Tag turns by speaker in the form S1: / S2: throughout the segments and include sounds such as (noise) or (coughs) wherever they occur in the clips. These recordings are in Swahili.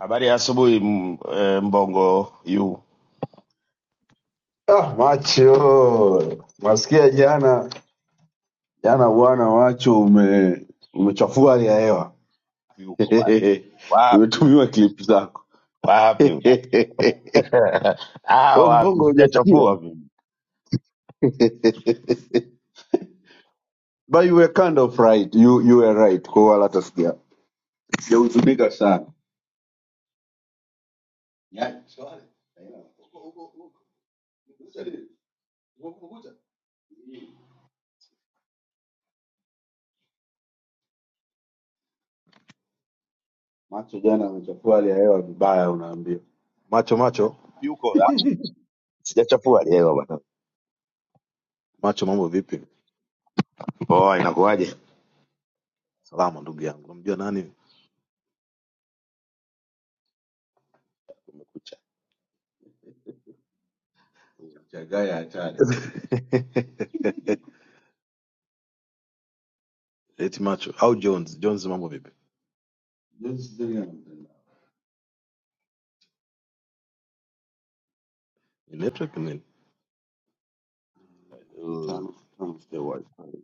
S1: Habari ya asubuhi m- eh, Mbongo yu
S2: Ah, macho nasikia jana jana bwana macho ume umechafua hali ya hewa
S1: yuko ba-
S2: (laughs)
S1: wapi?
S2: nimetumiwa clip zako
S1: Wapi bwana?
S2: (laughs)
S1: (laughs) ah,
S2: we mbongo
S1: wapi?
S2: hujasikia
S1: Sijachafua mimi.
S2: (laughs) but you were kind of right you, you were right kwa hiyo wala hatasikia sijahuzunika sana Ya, swali. Haina. Uko- uko- uko. Kumekucha nini? Uko- kumekucha? macho jana amechafua hali ya hewa vibaya unaambia macho macho
S1: Yuko ah, sijachafua leo bwana. Poa, inakuwaje?
S2: ndugu yangu namjua na (laughs) mchagaya hatari (laughs) eti macho au Jones. Jones, mambo vipi? Jones ziliana mtandao. Ni network ni nini?
S1: Mm,
S2: Tano tano sio wifi.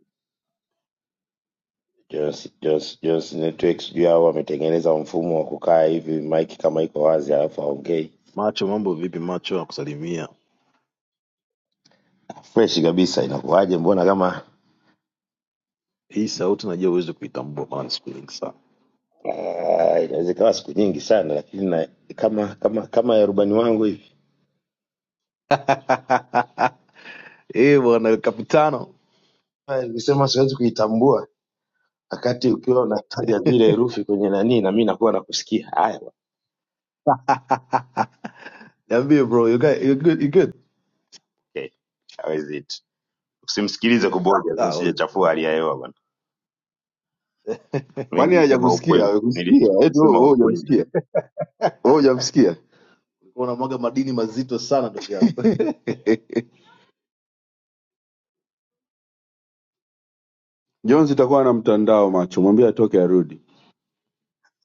S1: Jones Jones Jones Network sijui hao wametengeneza mfumo wa kukaa hivi mic kama iko wazi alafu haongei.
S2: Macho, mambo vipi? Macho nakusalimia.
S1: Fresh kabisa inakuwaje? Mbona kama
S2: Hii si unajua uweze kuitambua maana ni siku nyingi sana.
S1: Ah, inaweza ikawa siku nyingi sana lakini na, kama kama kama ya rubani wangu hivi.
S2: (laughs) Eh bwana kapitano. (laughs)
S1: Ah, Nikisema siwezi kuitambua. wakati ukiwa unataja zile herufi kwenye nani, na mimi nakuwa nakusikia. Haya bwana,
S2: Ah, Niambie bro, you guy you good? You good?
S1: okay, hawezi it. Usimsikilize kuboja,
S2: Ah, all is well.
S1: nisijachafua hali ya hewa bwana. Mi
S2: Kwani hajakusikia?
S1: nili-
S2: Hajakusikia? Eti wewe wewe hujamsikia? Wewe hujamsikia? Ulikuwa unamwaga madini mazito sana ndugu yangu. (laughs) Jones itakuwa na mtandao macho. Mwambie atoke arudi.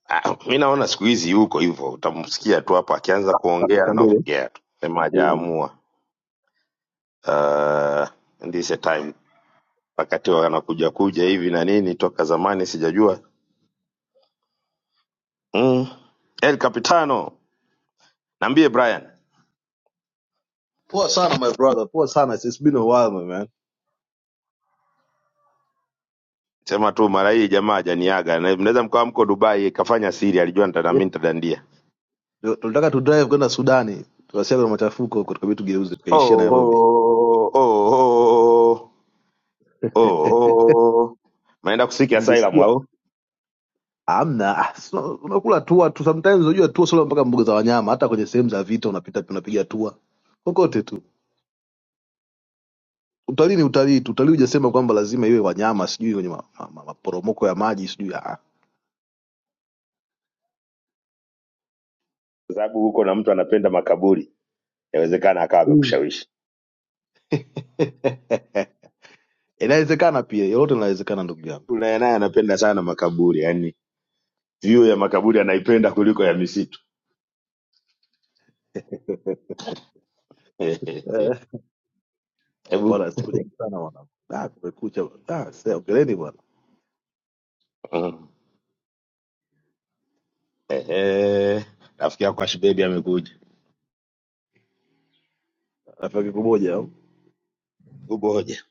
S1: ah, mi naona siku hizi yuko hivyo, utamsikia tu hapo akianza kuongea
S2: Mwambie.
S1: anaongea tu, sema hajaamua. Uh, this a time wakati wanakuja kuja hivi na nini, toka zamani sijajua. Mm. El Capitano, niambie Brian,
S2: Poa sana my brother, poa sana. It's been a while my man.
S1: sema tu mara hii jamaa hajaniaga, Na mnaweza mkawa mko Dubai, kafanya siri, alijua nita- na
S2: Eh,
S1: mimi nitadandia.
S2: Tu- Tulitaka tu drive kwenda Sudani, tukasikia kuna machafuko huko, tukabidi tugeuze
S1: Oh,
S2: tukaishia Nairobi.
S1: oh, oh, oh, oh. Maenda kusiki asylum
S2: Mngesikia
S1: au? Kwa
S2: amna, ah, si una- unakula tua tu sometimes, unajua tua sio mpaka mbuga za wanyama, hata kwenye sehemu za vita unapita unapiga tua kokote tu. Utalii ni utalii tu, utalii hujasema kwamba lazima iwe wanyama, sijui kwenye maporomoko ma, ma, ma- maporomoko ya maji sijui ah.
S1: sababu huko na mtu anapenda makaburi, inawezekana akawa
S2: Mm.
S1: amekushawishi.
S2: (laughs) Inawezekana pia, yote inawezekana ndugu yangu.
S1: Kuna naye anapenda sana makaburi, yani view ya makaburi anaipenda kuliko ya misitu. (laughs) Hebu
S2: Bwana siku nyingi sana bwana. Ah, kumekucha. bwana. Ah, sasa ongeleni bwana.
S1: mm, ehe, rafiki yako Ashibebi amekuja.
S2: Rafiki kumoja.
S1: Uboje?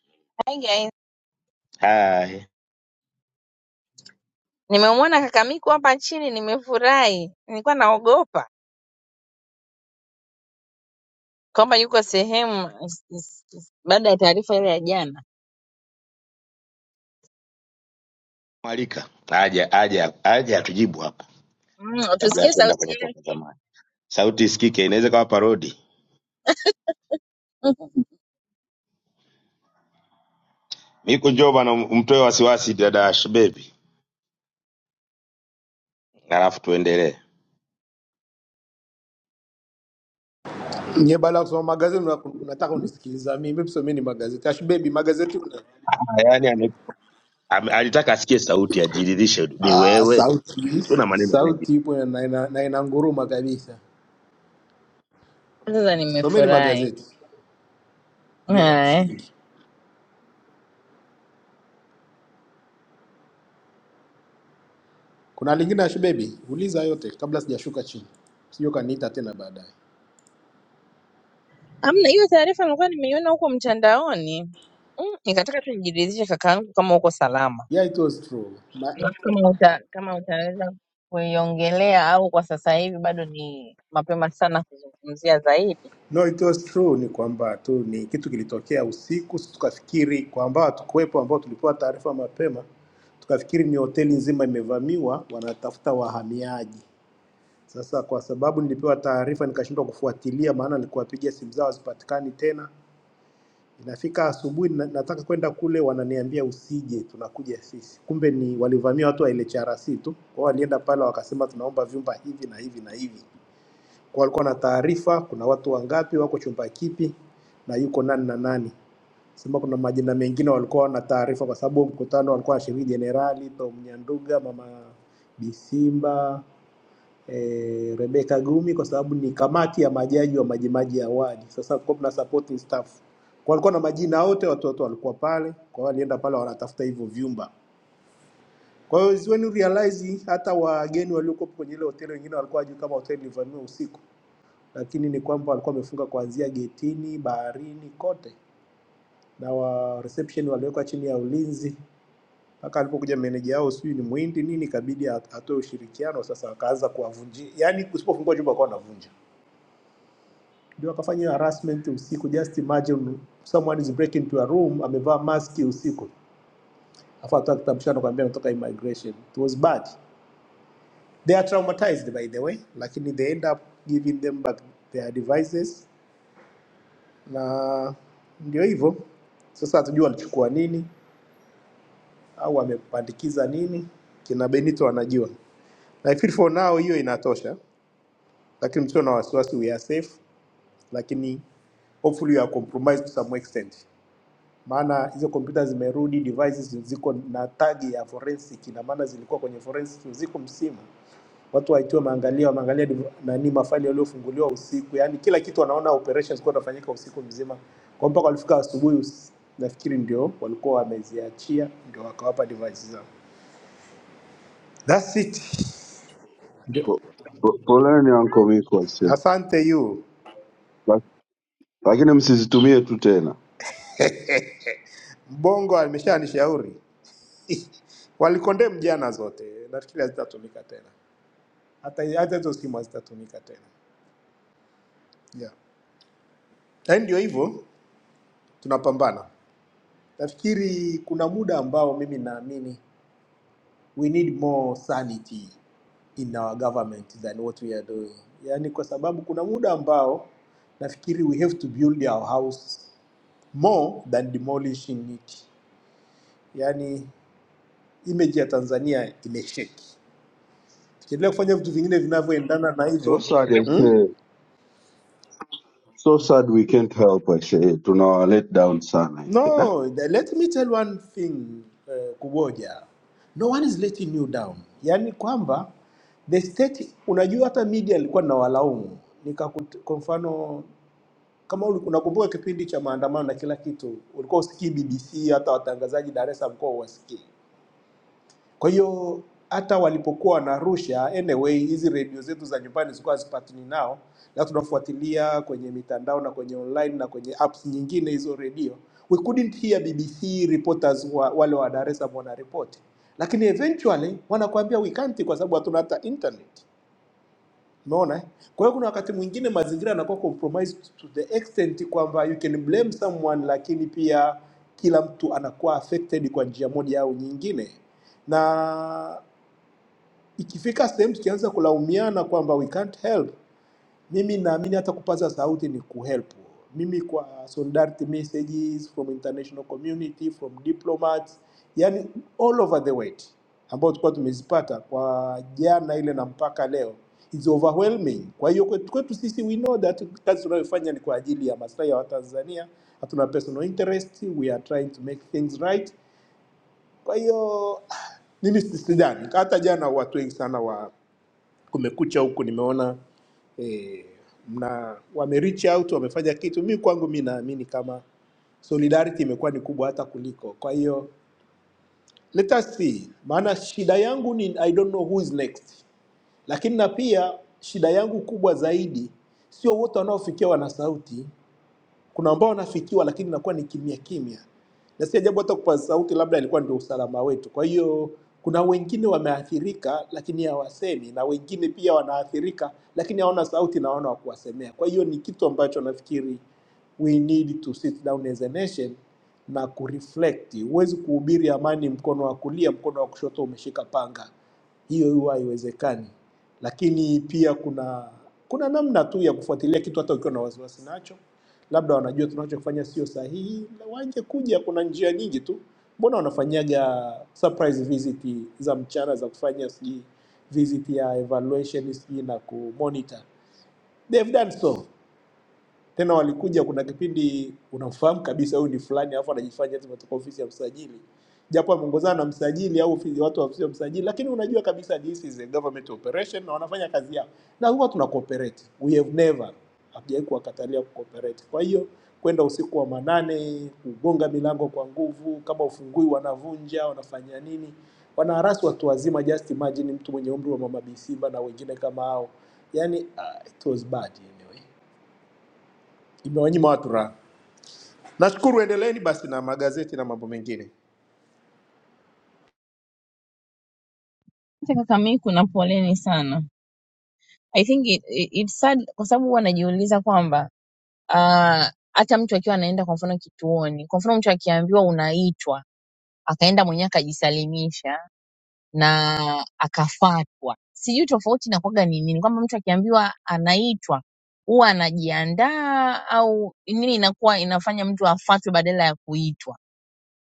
S1: Hai,
S3: Nimemuona kaka Miku hapa nchini nimefurahi. Nilikuwa naogopa kwamba yuko sehemu is- is- is- baada ya taarifa ile ya jana.
S1: mwalika aja aja aja atujibu hapa
S3: Mm,
S1: kabla ya
S3: tusikie
S1: kwenda
S3: sauti
S1: kwenye toka
S3: yake.
S1: zamani. Sauti isikike, inaweza kawa parodi.
S3: (laughs)
S1: Niko Joba na mtoe wasiwasi dada Shebebi, alafu tuendelee.
S4: nye bala kusoma magazeti una- unataka unisikiliza mimi msomeni magazeti ashbebi magazeti una...
S1: Yaani ame- ame- alitaka asikie sauti ajiridhishe ni
S4: ah,
S1: wewe.
S4: sauti
S1: Tuna maneno mengi.
S4: sauti ipo na na ina na ina nguruma kabisa
S3: Sasa
S4: someni
S3: nimefurahi.
S4: magazeti ndio la
S3: Haya.
S4: msingi kuna lingine ashbebi uliza yote kabla sijashuka chini sio kaniita tena baadaye
S3: Amna hiyo taarifa nilikuwa nimeiona huko mtandaoni. Mm, nikataka tu nijiridhishe kaka yangu kama uko salama.
S4: yeah it was true Ma...
S3: Alafu kama uta, kama utaweza kuiongelea au kwa sasa hivi bado ni mapema sana kuzungumzia zaidi.
S4: no it was true ni kwamba tu ni kitu kilitokea usiku si tukafikiri kwamba hatukuwepo ambao tulipewa taarifa mapema tukafikiri ni hoteli nzima imevamiwa wanatafuta wahamiaji Sasa kwa sababu nilipewa taarifa nikashindwa kufuatilia, maana nilikuwapigia simu zao hazipatikani tena. Inafika asubuhi na, nataka kwenda kule, wananiambia usije, tunakuja sisi. Kumbe ni walivamia watu wa LHRC tu, wao walienda pale wakasema tunaomba vyumba hivi na hivi na hivi, kwa walikuwa na taarifa, kuna watu wangapi wako chumba kipi na yuko nani na nani. Sema kuna majina mengine walikuwa wana taarifa, kwa sababu mkutano walikuwa wanashiriki jenerali Tom Nyanduga, mama Bisimba eh, Rebecca Gumi kwa sababu ni kamati ya majaji wa Majimaji Award. Sasa kulikuwa kuna supporting staff, kwa walikuwa na majina wote, watoto walikuwa pale, kwa hiyo walienda pale wanatafuta hivyo vyumba. Kwa hiyo is when you realize hata wageni waliokuwa kwenye ile hoteli wengine walikuwa hawajui kama hoteli ilivamiwa usiku, lakini ni kwamba walikuwa wamefunga kuanzia getini, baharini, kote na wa reception waliwekwa chini ya ulinzi mpaka alipokuja meneja yao, sijui ni muhindi nini, ikabidi at- atoe ushirikiano. Sasa wakaanza kuwavunjia, yaani usipofungua chumba kwa wanavunja ndio akafanya harassment usiku. Just imagine someone is breaking into a room, amevaa maski usiku, afu atoa kitambulisho nakwambia anatoka immigration. It was bad. They are traumatized by the way, lakini they end up giving them back their devices, na ndio hivyo sasa. Hatujui walichukua nini au wamepandikiza nini, kina Benito anajua. I feel for now hiyo inatosha, lakini msio na wasiwasi, we are safe, lakini hopefully we are compromised to some extent. maana hizo kompyuta zimerudi, devices ziko na tag ya forensic, ina maana zilikuwa kwenye forensic, ziko msimu. Watu waitiwa maangalia, wameangalia div- nani mafaili yaliyofunguliwa usiku, yani kila kitu wanaona operations kwa inafanyika usiku mzima, kwa mpaka walifika asubuhi, us- nafikiri ndio walikuwa wameziachia, ndio wakawapa devices zao. That's it. Ndio.
S2: Pu- Polani uncle me kwase.
S4: Asante you.
S2: Lakini tena.
S4: Mbongo ameshanishauri. (laughs) Walikondem jana zote, nafikiri hazitatumika tena, hata hata hizo simu hazitatumika tena. Yeah. Yaani ndio hivyo tunapambana. Nafikiri kuna muda ambao mimi naamini we need more sanity in our government than what we are doing. Yaani kwa sababu kuna muda ambao nafikiri we have to build our house more than demolishing it. Yaani image ya Tanzania imeshake. Tukiendelea kufanya vitu vingine vinavyoendana na
S2: So
S4: hivyo.
S2: sad I
S4: Hmm?
S2: say, so sad we can't help I say. To Tuna let down son, I say. "Nah."
S4: No, the- let me tell one thing uh, Kuboja, no one is letting you down. Yaani kwamba the state, unajua hata media alikuwa na walaumu nikakut, kwa mfano kama uli- unakumbuka kipindi cha maandamano na kila kitu, ulikuwa usikii BBC, hata watangazaji Dar es Salaam kwa uwasikii. Kwa hiyo hata walipokuwa wanarusha, anyway, hizi redio zetu za nyumbani zilikuwa hazipatani nao, na tunafuatilia kwenye mitandao na kwenye online na kwenye apps nyingine hizo redio. We couldn't hear BBC reporters wa, wale wa Dar es Salaam wanaripoti, lakini eventually wanakuambia we can't kwa sababu hatuna hata internet. Umeona? eh? Kwa hiyo kuna wakati mwingine mazingira yanakuwa compromised to the extent kwamba you can blame someone, lakini pia kila mtu anakuwa affected kwa njia moja au nyingine na Ikifika sehemu tukianza kulaumiana kwamba we can't help, mimi naamini hata kupaza sauti ni kuhelp. Mimi kwa solidarity messages from international community, from diplomats, yani all over the world ambao tulikuwa tumezipata kwa jana ile na mpaka leo is overwhelming. Kwa hiyo kwetu, kwetu sisi we know that kazi tunayofanya ni kwa ajili ya maslahi ya Watanzania, hatuna personal interest, we are trying to make things right. Kwa hiyo (sighs) mimi si- sidhani hata jana watu wengi sana wa kumekucha huku nimeona eh, mna wame reach out wamefanya kitu. Mi kwangu mi naamini kama solidarity imekuwa ni kubwa hata kuliko. Kwa hiyo let us see, maana shida yangu ni I don't know who is next, lakini na pia shida yangu kubwa zaidi sio wote wanaofikia wana sauti, kuna ambao wanafikiwa, lakini inakuwa ni kimya kimya, na si ajabu hata kwa sauti, labda ilikuwa ndio usalama wetu. Kwa hiyo kuna wengine wameathirika, lakini hawasemi, na wengine pia wanaathirika, lakini hawana sauti na hawana wa kuwasemea. Kwa hiyo ni kitu ambacho nafikiri we need to sit down as a nation na kureflect. Huwezi kuhubiri amani mkono wa kulia, mkono wa kushoto umeshika panga, hiyo huwa haiwezekani. Lakini pia kuna kuna namna tu ya kufuatilia kitu hata ukiwa na wasiwasi nacho, labda wanajua tunachofanya sio sahihi, waje kuja. Kuna njia nyingi tu, mbona wanafanyaga surprise visit za mchana za kufanya sijui visit ya evaluation sijui na kumonitor. They've done so tena walikuja, kuna kipindi unamfahamu kabisa huyu ni fulani, alafu anajifanya eti umetoka ofisi ya msajili, japo ameongozana na msajili au ofisi, watu wa ofisi ya msajili, lakini unajua kabisa this is a government operation na wanafanya kazi yao, na huwa tuna cooperate. We have never hatujawahi kuwakatalia kucooperate. Kwa hiyo kwenda usiku wa manane, kugonga milango kwa nguvu, kama ufungui wanavunja, wanafanya nini, wanaharasi watu wazima. Just imagine mtu mwenye umri wa mama Bisimba na wengine kama hao, yani uh, it was bad anyway imewanyima watu raha. Nashukuru, endeleeni basi na magazeti na mambo mengine.
S3: Asante Kaka Miku na poleni sana. I think it, it, it's sad kwa sababu huwa najiuliza kwamba ah, hata mtu akiwa anaenda kwa mfano kituoni, kwa mfano mtu akiambiwa unaitwa akaenda mwenyewe akajisalimisha na akafatwa, sijui tofauti inakuwaga ni nini, kwamba mtu akiambiwa anaitwa huwa anajiandaa au nini inakuwa inafanya mtu afatwe badala ya kuitwa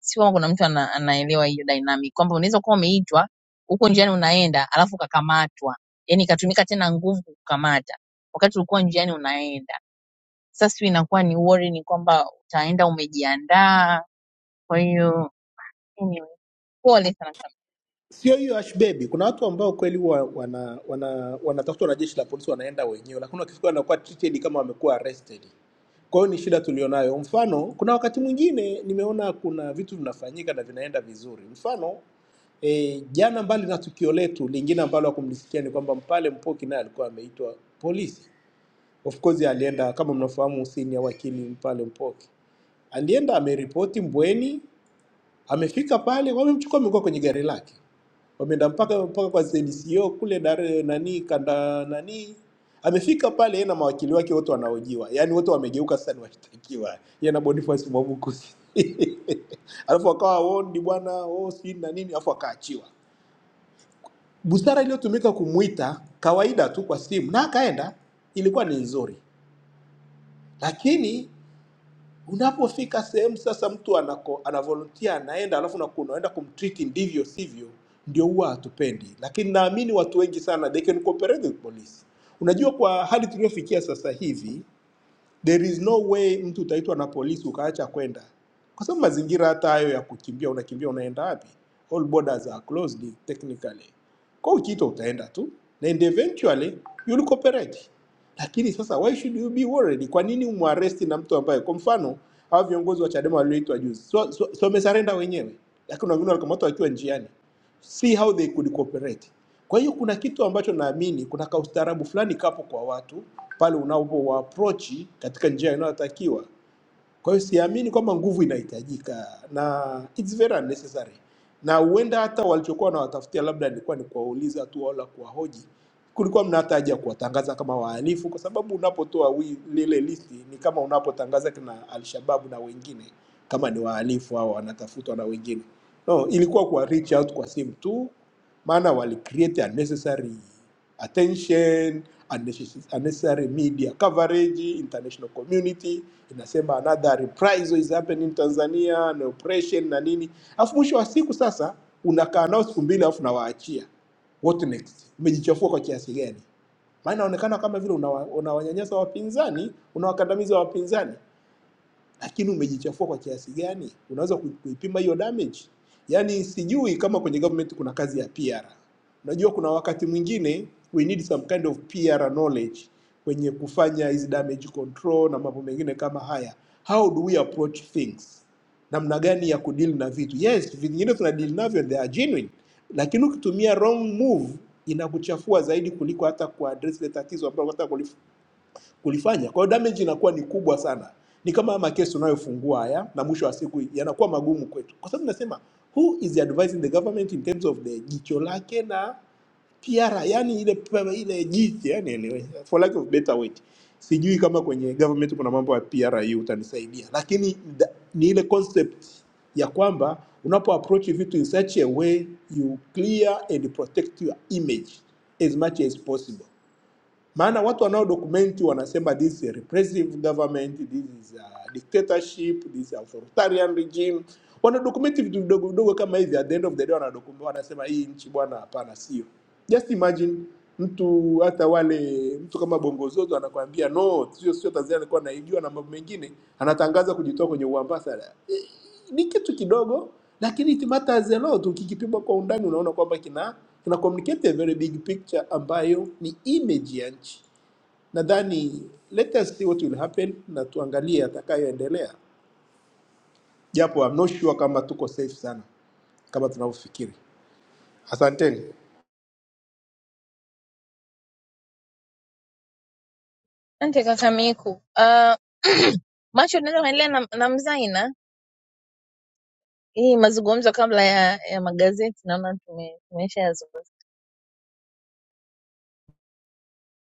S3: si kama kuna mtu ana, anaelewa hiyo dynamic kwamba unaweza kuwa umeitwa huko njiani unaenda alafu ukakamatwa, yani ikatumika tena nguvu kukamata wakati ulikuwa njiani unaenda. Sasa sijui inakuwa ni worry, ni kwamba utaenda umejiandaa. Kwa hiyo anyway, pole sana kaka.
S4: Sio hiyo ashbebi, kuna watu ambao kweli wa, wana, wana, wanatafutwa na jeshi la polisi wanaenda wenyewe, lakini wakifika wanakuwa treated kama wamekuwa arrested. Kwa hiyo ni shida tulionayo. Mfano, kuna wakati mwingine nimeona kuna vitu vinafanyika na vinaenda vizuri. Mfano e, jana, mbali na tukio letu lingine ambalo hakumlisikia ni kwamba Mpale Mpoki naye alikuwa ameitwa polisi. Of course alienda kama mnafahamu, Hussein ya wakili Mpale Mpoki Alienda ameripoti Mbweni, amefika pale wamemchukua, amekuwa kwenye gari lake, wameenda mpaka mpaka kwa ZCO kule dar nani kanda nani amefika pale yeye na mawakili wake wote wanaojiwa, yaani wote wamegeuka sasa ni washtakiwa, yeye na Boniface Mwabukusi (laughs) alafu akawa wondi bwana oh, si na nini, alafu akaachiwa. Busara iliyotumika kumwita kawaida tu kwa simu na akaenda, ilikuwa ni nzuri, lakini Unapofika sehemu sasa, mtu anako, ana volunteer anaenda, alafu naku- unaenda kumtreat ndivyo sivyo, ndio huwa hatupendi. Lakini naamini watu wengi sana they can cooperate with police. Unajua, kwa hali tuliofikia sasa hivi there is no way mtu utaitwa na polisi ukaacha kwenda, kwa sababu mazingira hata hayo ya kukimbia, unakimbia unaenda wapi? All borders are closed technically. Kwa hiyo ukiitwa utaenda tu na and eventually you'll cooperate. Lakini sasa why should you be worried? Kwa nini umwaresti na mtu ambaye kwa mfano hawa viongozi wa Chadema walioitwa juzi so, so, so wamesarenda wenyewe, lakini wengine walikamatwa wakiwa njiani see how they could cooperate. Kwa hiyo kuna kitu ambacho naamini kuna kaustaarabu fulani kapo kwa watu pale unapowaapproach katika njia inayotakiwa, kwa hiyo siamini kwamba nguvu inahitajika na it's very unnecessary, na huenda hata walichokuwa wanawatafutia labda nilikuwa ni kuwauliza tu wala kuwahoji, kulikuwa mna hata haja ya kuwatangaza kama wahalifu, kwa sababu unapotoa wi- lile listi ni kama unapotangaza kina Alshababu na wengine kama ni wahalifu au wanatafutwa na wengine. No, ilikuwa kuwa reach out kwa simu tu, maana wali create unnecessary attention unnecessary unnecessary media coverage international community inasema another reprisal is happening in tanzania na oppression na nini alafu mwisho wa siku sasa unakaa nao siku mbili alafu nawaachia what next umejichafua kwa kiasi gani maana inaonekana kama vile unawa- unawanyanyasa wapinzani unawakandamiza wapinzani lakini umejichafua kwa kiasi gani? Unaweza ku- kuipima hiyo damage? Yaani sijui kama kwenye government kuna kazi ya PR. Unajua kuna wakati mwingine we need some kind of PR knowledge kwenye kufanya hizi damage control na mambo mengine kama haya. How do we approach things? Namna gani ya kudeal na vitu? Yes, vingine tuna deal navyo they are genuine, lakini ukitumia wrong move inakuchafua zaidi kuliko hata kuaddress ile tatizo ambalo unataka kulifanya. Kwa hiyo damage inakuwa ni kubwa sana, ni kama haya makesi unayofungua haya, na mwisho wa siku yanakuwa magumu kwetu, kwa sababu nasema who is advising the government in terms of the jicho lake na PR, yani ile ile jicho, yani anyway, for lack of better word, sijui kama kwenye government kuna mambo ya PRU utanisaidia, lakini da- ni ile concept ya kwamba unapo approach vitu in such a way you clear and protect your image as much as possible maana watu wanaodokumenti wanasema this is a repressive government, this is a dictatorship, this is a authoritarian regime. Wanadokumenti vitu vidogo vidogo kama hivi, at the end of the day wanadokumenti, wanasema hii nchi bwana, hapana, sio. Just imagine mtu hata wale mtu kama Bongo Zozo anakuambia no, sio sio, Tanzania alikuwa naijua na mambo mengine, anatangaza kujitoa kwenye uambasada. Eh, ni kitu kidogo, lakini it matters a lot. Ukikipima kwa undani, unaona kwamba kina kina communicate a very big picture ambayo ni image ya nchi. Nadhani let us see what will happen na tuangalie atakayoendelea, japo I'm not sure kama tuko safe sana kama tunavyofikiri. Asanteni.
S3: Asante kaka Miku. Ah, (clears throat) macho, unaweza kuendelea na, na Mzaina hii mazungumzo kabla ya, ya magazeti, naona tume- tumeshayazungumza.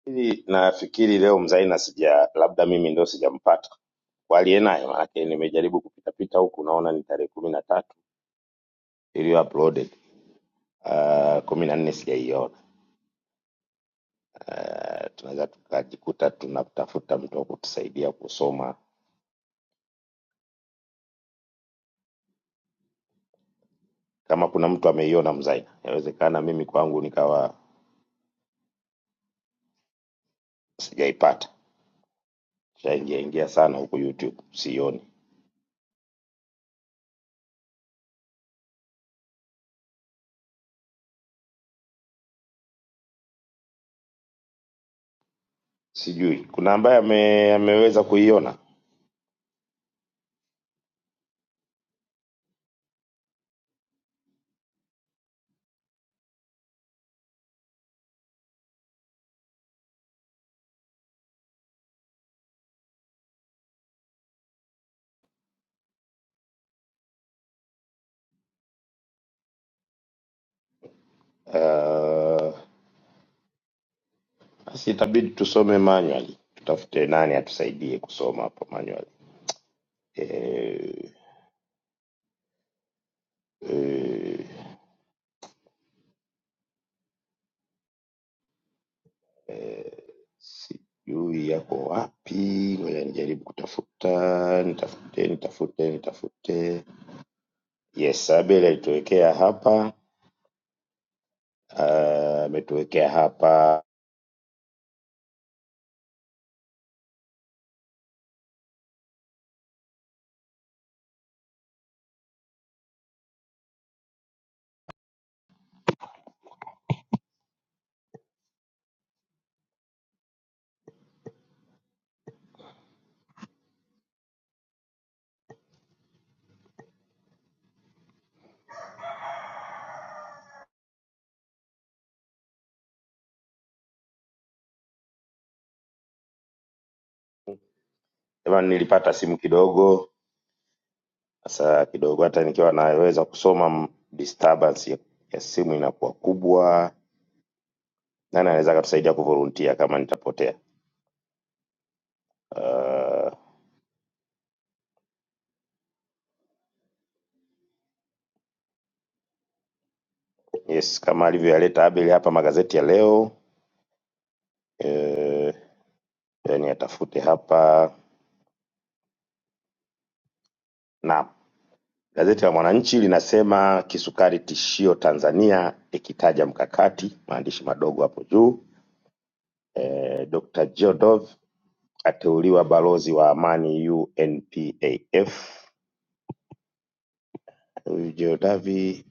S1: Hili nafikiri leo mzaina sija, labda mimi ndo sijampata walie naye, maanake nimejaribu kupitapita huku, naona ni tarehe kumi na tatu iliyo uploaded Ah, kumi na nne sijaiona. Ah, tunaweza tukajikuta tunatafuta mtu wa kutusaidia kusoma, kama kuna mtu ameiona mzaina, inawezekana mimi kwangu nikawa sijaipata. shaingia ingia sana huku YouTube, sioni, sijui kuna ambaye ame, ameweza kuiona. Ah, Basi itabidi tusome manually, tutafute nani atusaidie kusoma hapo manually. Eh, eh, eh, sijui yako wapi, ngoja nijaribu kutafuta, nitafute, nitafute, nitafute. Yes, Abel alituwekea hapa, ah, ametuwekea uh, hapa. Jamani, nilipata simu kidogo Sasa kidogo hata nikiwa naweza kusoma m- disturbance ya, ya simu inakuwa kubwa. Nani anaweza akatusaidia kuvolunteer kama nitapotea? Uh, yes, kama alivyoyaleta Abel hapa magazeti ya leo, eh, niyatafute hapa. Naam, gazeti la Mwananchi linasema kisukari tishio Tanzania, ikitaja mkakati, maandishi madogo hapo juu. Eh, Dr. Jodov ateuliwa balozi wa amani UNPAF. Jodavi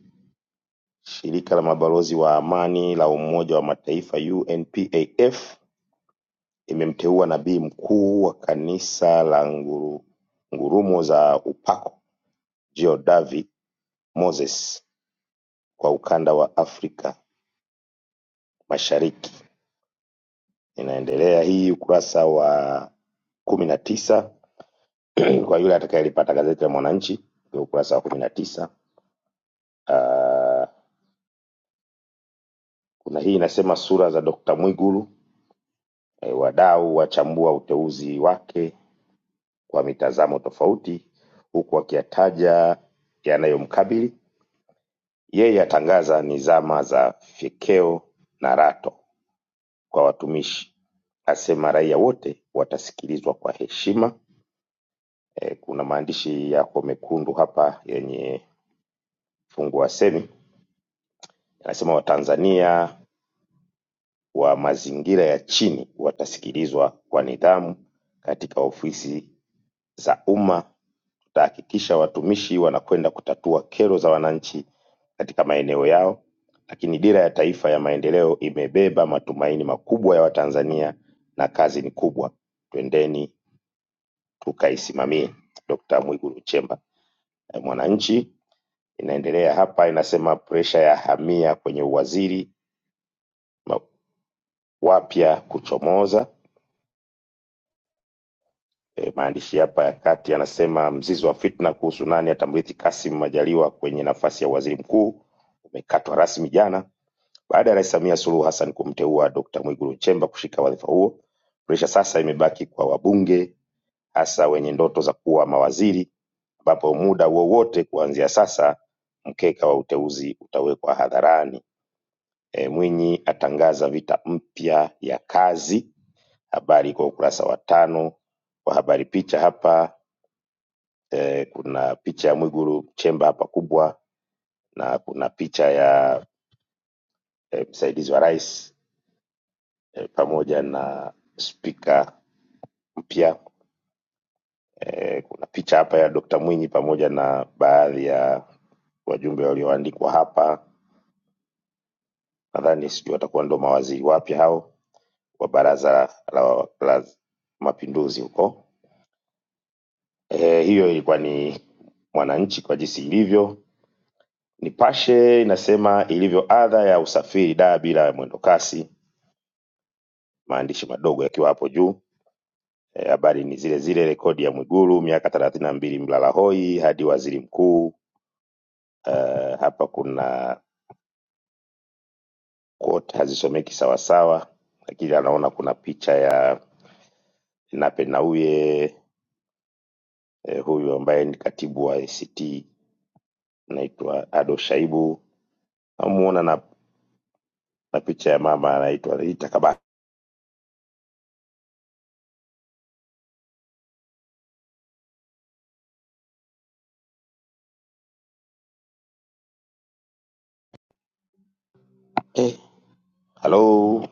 S1: Shirika la Mabalozi wa Amani la Umoja wa Mataifa UNPAF imemteua Nabii Mkuu wa Kanisa la nguru, Ngurumo za Upako Geordavi Moses kwa ukanda wa Afrika Mashariki. Inaendelea hii ukurasa wa kumi na tisa (clears throat) kwa yule atakayelipata gazeti la Mwananchi ni ukurasa wa kumi na tisa. Ah, Kuna hii inasema sura za Dr. Mwigulu, eh, wadau wachambua uteuzi wake kwa mitazamo tofauti huku akiyataja yanayomkabili yeye atangaza ni zama za fyekeo na rato kwa watumishi asema raia wote watasikilizwa kwa heshima e, kuna maandishi yako mekundu hapa yenye fungu wa semi anasema watanzania wa mazingira ya chini watasikilizwa kwa nidhamu katika ofisi za umma Itahakikisha watumishi wanakwenda kutatua kero za wananchi katika maeneo yao, lakini Dira ya Taifa ya Maendeleo imebeba matumaini makubwa ya Watanzania na kazi ni kubwa, twendeni tukaisimamie. Dkt. Mwigulu Nchemba. Eh, Mwananchi inaendelea hapa, inasema presha ya hamia kwenye uwaziri ma- wapya kuchomoza. Eh, Maandishi hapa ya kati yanasema mzizi wa fitna kuhusu nani atamrithi Kassim Majaliwa kwenye nafasi ya waziri mkuu umekatwa rasmi jana Baada ya Rais Samia Suluhu Hassan kumteua Dkt. Mwigulu Nchemba kushika wadhifa huo, presha sasa imebaki kwa wabunge hasa wenye ndoto za kuwa mawaziri, ambapo muda wowote kuanzia sasa mkeka wa uteuzi utawekwa hadharani. E, Mwinyi atangaza vita mpya ya kazi, habari kwa ukurasa wa tano wa habari. Picha hapa e, kuna picha ya Mwigulu Nchemba hapa kubwa na kuna picha ya e, msaidizi wa rais e, pamoja na spika mpya. E, kuna picha hapa ya Dr. Mwinyi pamoja na baadhi ya wajumbe walioandikwa hapa, nadhani sijui watakuwa ndo mawaziri wapya hao wa Baraza la, la, la Mapinduzi huko. E, hiyo ilikuwa ni Mwananchi kwa jinsi ilivyo. Nipashe inasema ilivyo adha ya usafiri daa bila mwendo kasi, maandishi madogo yakiwa hapo juu. Eh, Habari e, ni zile zile, rekodi ya Mwigulu miaka thelathini na mbili mlalahoi hadi waziri mkuu. Eh, hapa kuna quote hazisomeki sawasawa lakini anaona kuna picha ya Nape Nnauye eh, huyu ambaye ni katibu wa ACT anaitwa Ado Shaibu namuona na, na picha ya mama anaitwa Rita Kabaka. Eh, halo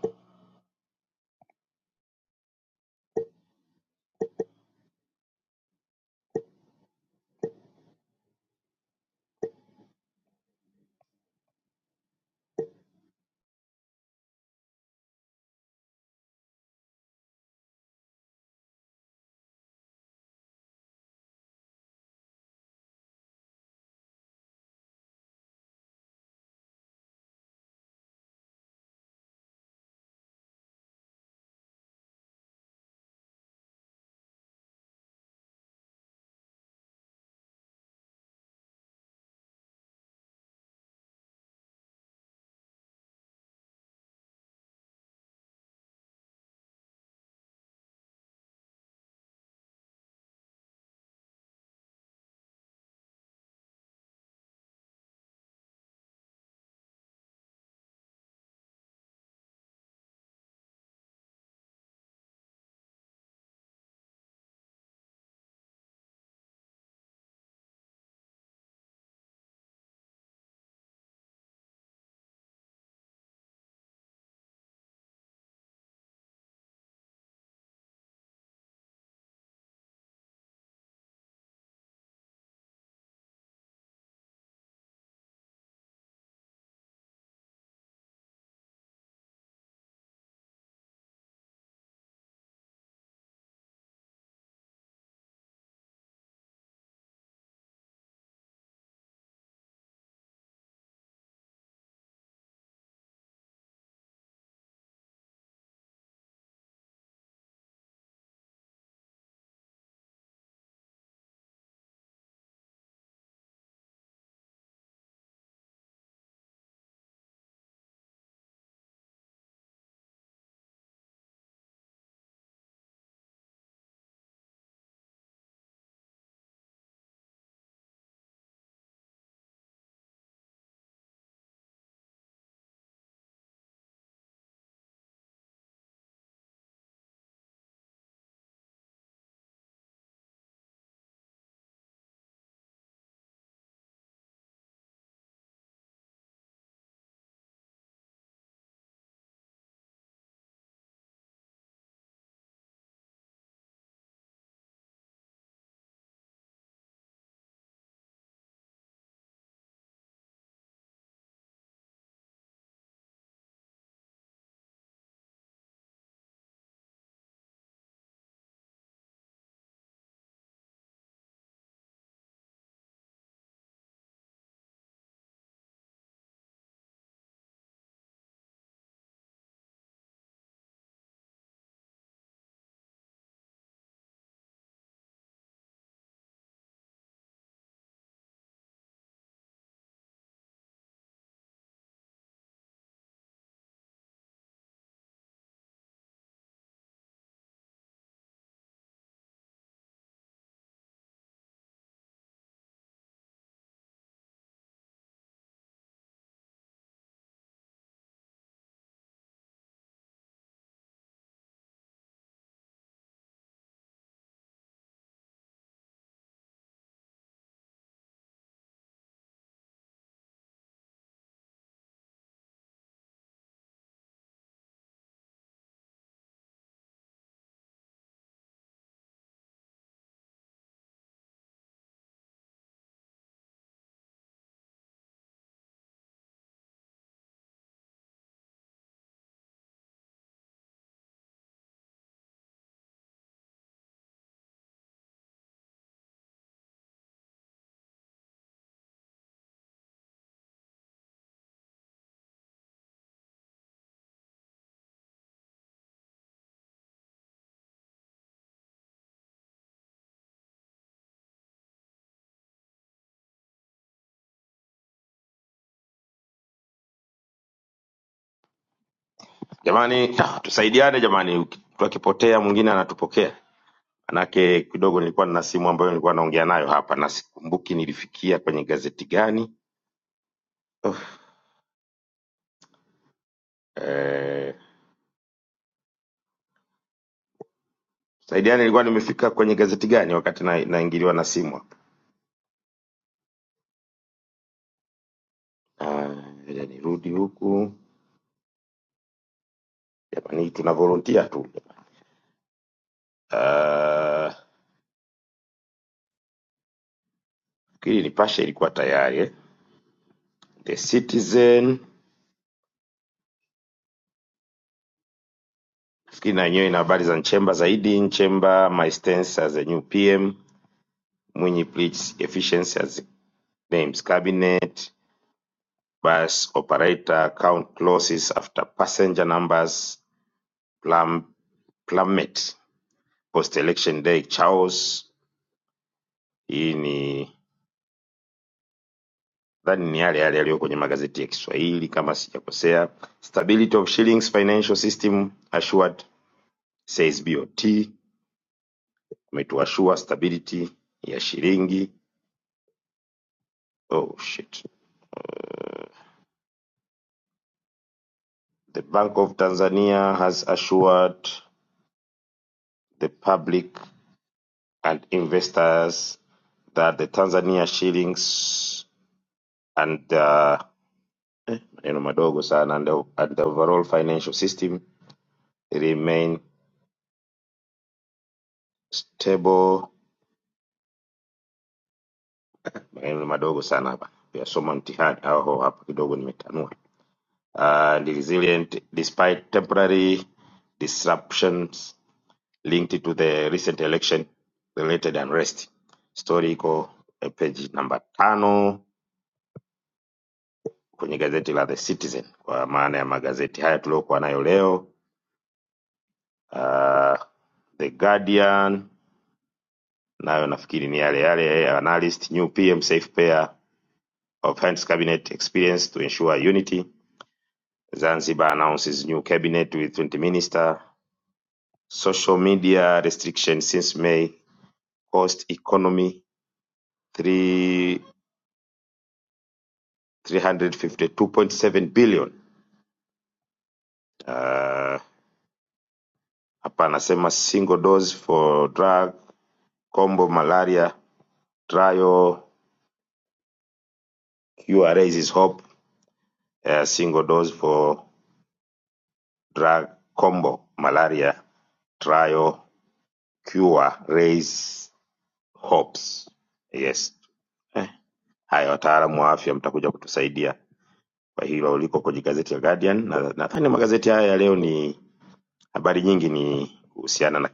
S1: jamani, ah, tusaidiane jamani, uki- mtu akipotea mwingine anatupokea. Manake kidogo nilikuwa nina simu ambayo nilikuwa naongea nayo hapa na sikumbuki nilifikia kwenye gazeti gani. Oh, eh, saidiani nilikuwa nimefika kwenye gazeti gani wakati na- naingiliwa na na simu Ah, ngoja nirudi huku jamani, tuna volunteer tu Ah, nafikiri Nipashe ilikuwa tayari eh. The Citizen nafikiri na yenyewe ina habari za Nchemba zaidi. Nchemba, my stance as a new PM. Mwinyi pleads efficiency as names cabinet. Bus operator count losses after passenger numbers plum, plummet post election day chaos. Hii ni nadhani ni yale yale yaliyo kwenye magazeti ya Kiswahili kama sijakosea. Stability of shillings financial system assured says BOT. Umetuashua stability ya shilingi. Oh shit. The Bank of Tanzania has assured the public and investors that the Tanzania shillings and uh, maneno madogo sana and the, and the overall financial system remain stable maneno madogo sana hapa kuyasoma mtihani aho hapa kidogo nimetanua uh, resilient despite temporary disruptions linked to the recent election related unrest story iko eh, page namba tano kwenye gazeti la the citizen kwa maana ya magazeti haya tuliokuwa nayo leo uh, the guardian nayo nafikiri ni yale yale eh, analyst new pm safe pair of hands cabinet experience to ensure unity Zanzibar announces new cabinet with 20 minister. Social media restriction since May cost economy three- 352.7 billion. Uh, Hapa anasema single dose for drug combo malaria trial cure raises hope. Uh, single dose for drug combo malaria trial cure raise hopes. Yes. Eh, Haya, wataalamu wa afya mtakuja kutusaidia kwa hilo liko kwenye gazeti ya Guardian, na nadhani magazeti haya ya leo ni habari nyingi ni kuhusiana na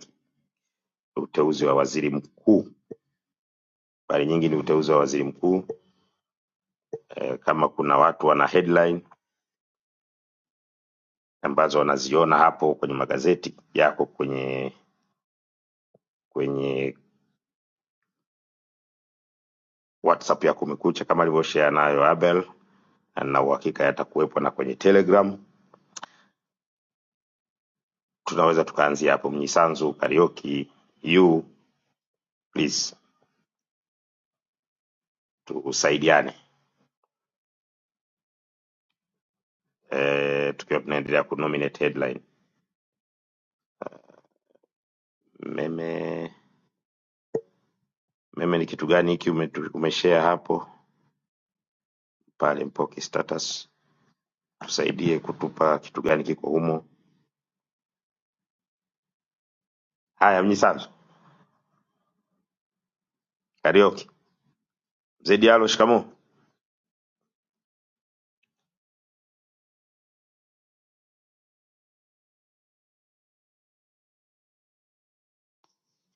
S1: uteuzi wa waziri mkuu. Habari nyingi ni uteuzi wa waziri mkuu. E, kama kuna watu wana headline ambazo wanaziona hapo kwenye magazeti yako kwenye kwenye WhatsApp ya Kumekucha kama alivyoshare nayo Abel, na nina uhakika yatakuwepo na kwenye Telegram. Tunaweza tukaanzia hapo. Mnyisanzu Karioki, you please tusaidiane. eh, tukiwa tunaendelea kunominate headline. Meme, meme ni kitu gani hiki ume, umeshare hapo pale Mpoki status? Tusaidie kutupa kitu gani kiko humo. Haya, Mnyisanzu, Karaoke, Mzee Diallo, shikamoo.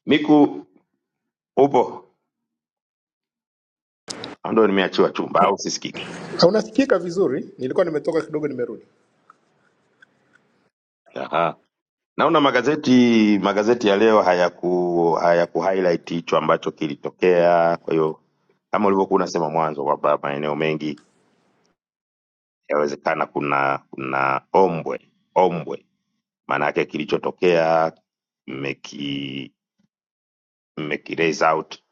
S1: Miku, upo? Au Ndo nimeachiwa chumba au sisikiki?
S4: Ah, Unasikika vizuri? Nilikuwa nimetoka kidogo, nimerudi.
S1: Aha. Naona magazeti magazeti ya leo hayaku hayaku highlight hicho ambacho kilitokea, kwa hiyo kama ulivyokuwa unasema mwanzo kwamba maeneo mengi yawezekana kuna kuna ombwe ombwe maana yake kilichotokea mmeki mmeki raise out,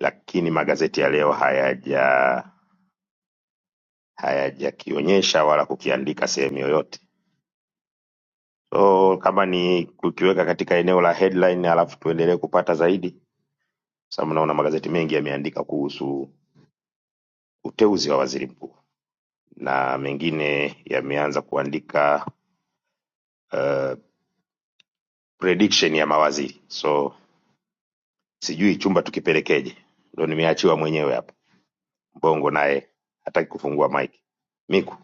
S1: lakini magazeti ya leo hayaja hayajakionyesha wala kukiandika sehemu yoyote. So kama ni kukiweka katika eneo la headline, alafu tuendelee kupata zaidi, kwa sababu naona magazeti mengi yameandika kuhusu uteuzi wa waziri mkuu na mengine yameanza kuandika uh, prediction ya mawaziri. So sijui chumba tukipelekeje, ndo nimeachiwa mwenyewe hapa. Mbongo naye hataki kufungua mic. Miku,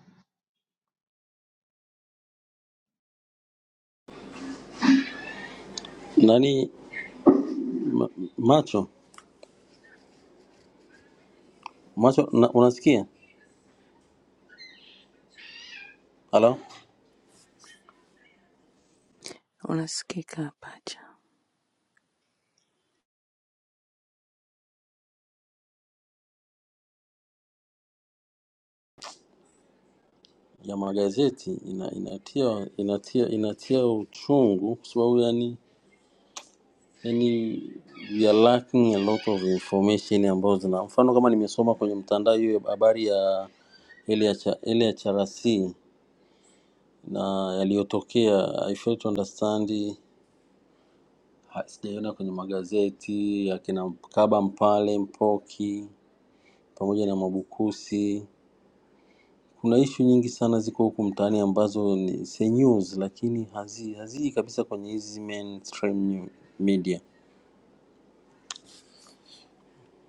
S5: nani macho macho na, unasikia halo
S6: unasikika pacha
S5: ya magazeti ina, inatia inatia inatia uchungu kwa sababu yani yani we are lacking a lot of information ambazo zina mfano kama nimesoma kwenye mtandao hiyo habari ya ile ya cha- ile ya CRC na yaliyotokea I fail to understand ha- sijaiona kwenye magazeti ya kina Kaba Mpale Mpoki pamoja na Mwabukusi Kuna issue nyingi sana ziko huku mtaani ambazo ni si news lakini hazi haziji kabisa kwenye hizi mainstream new- media.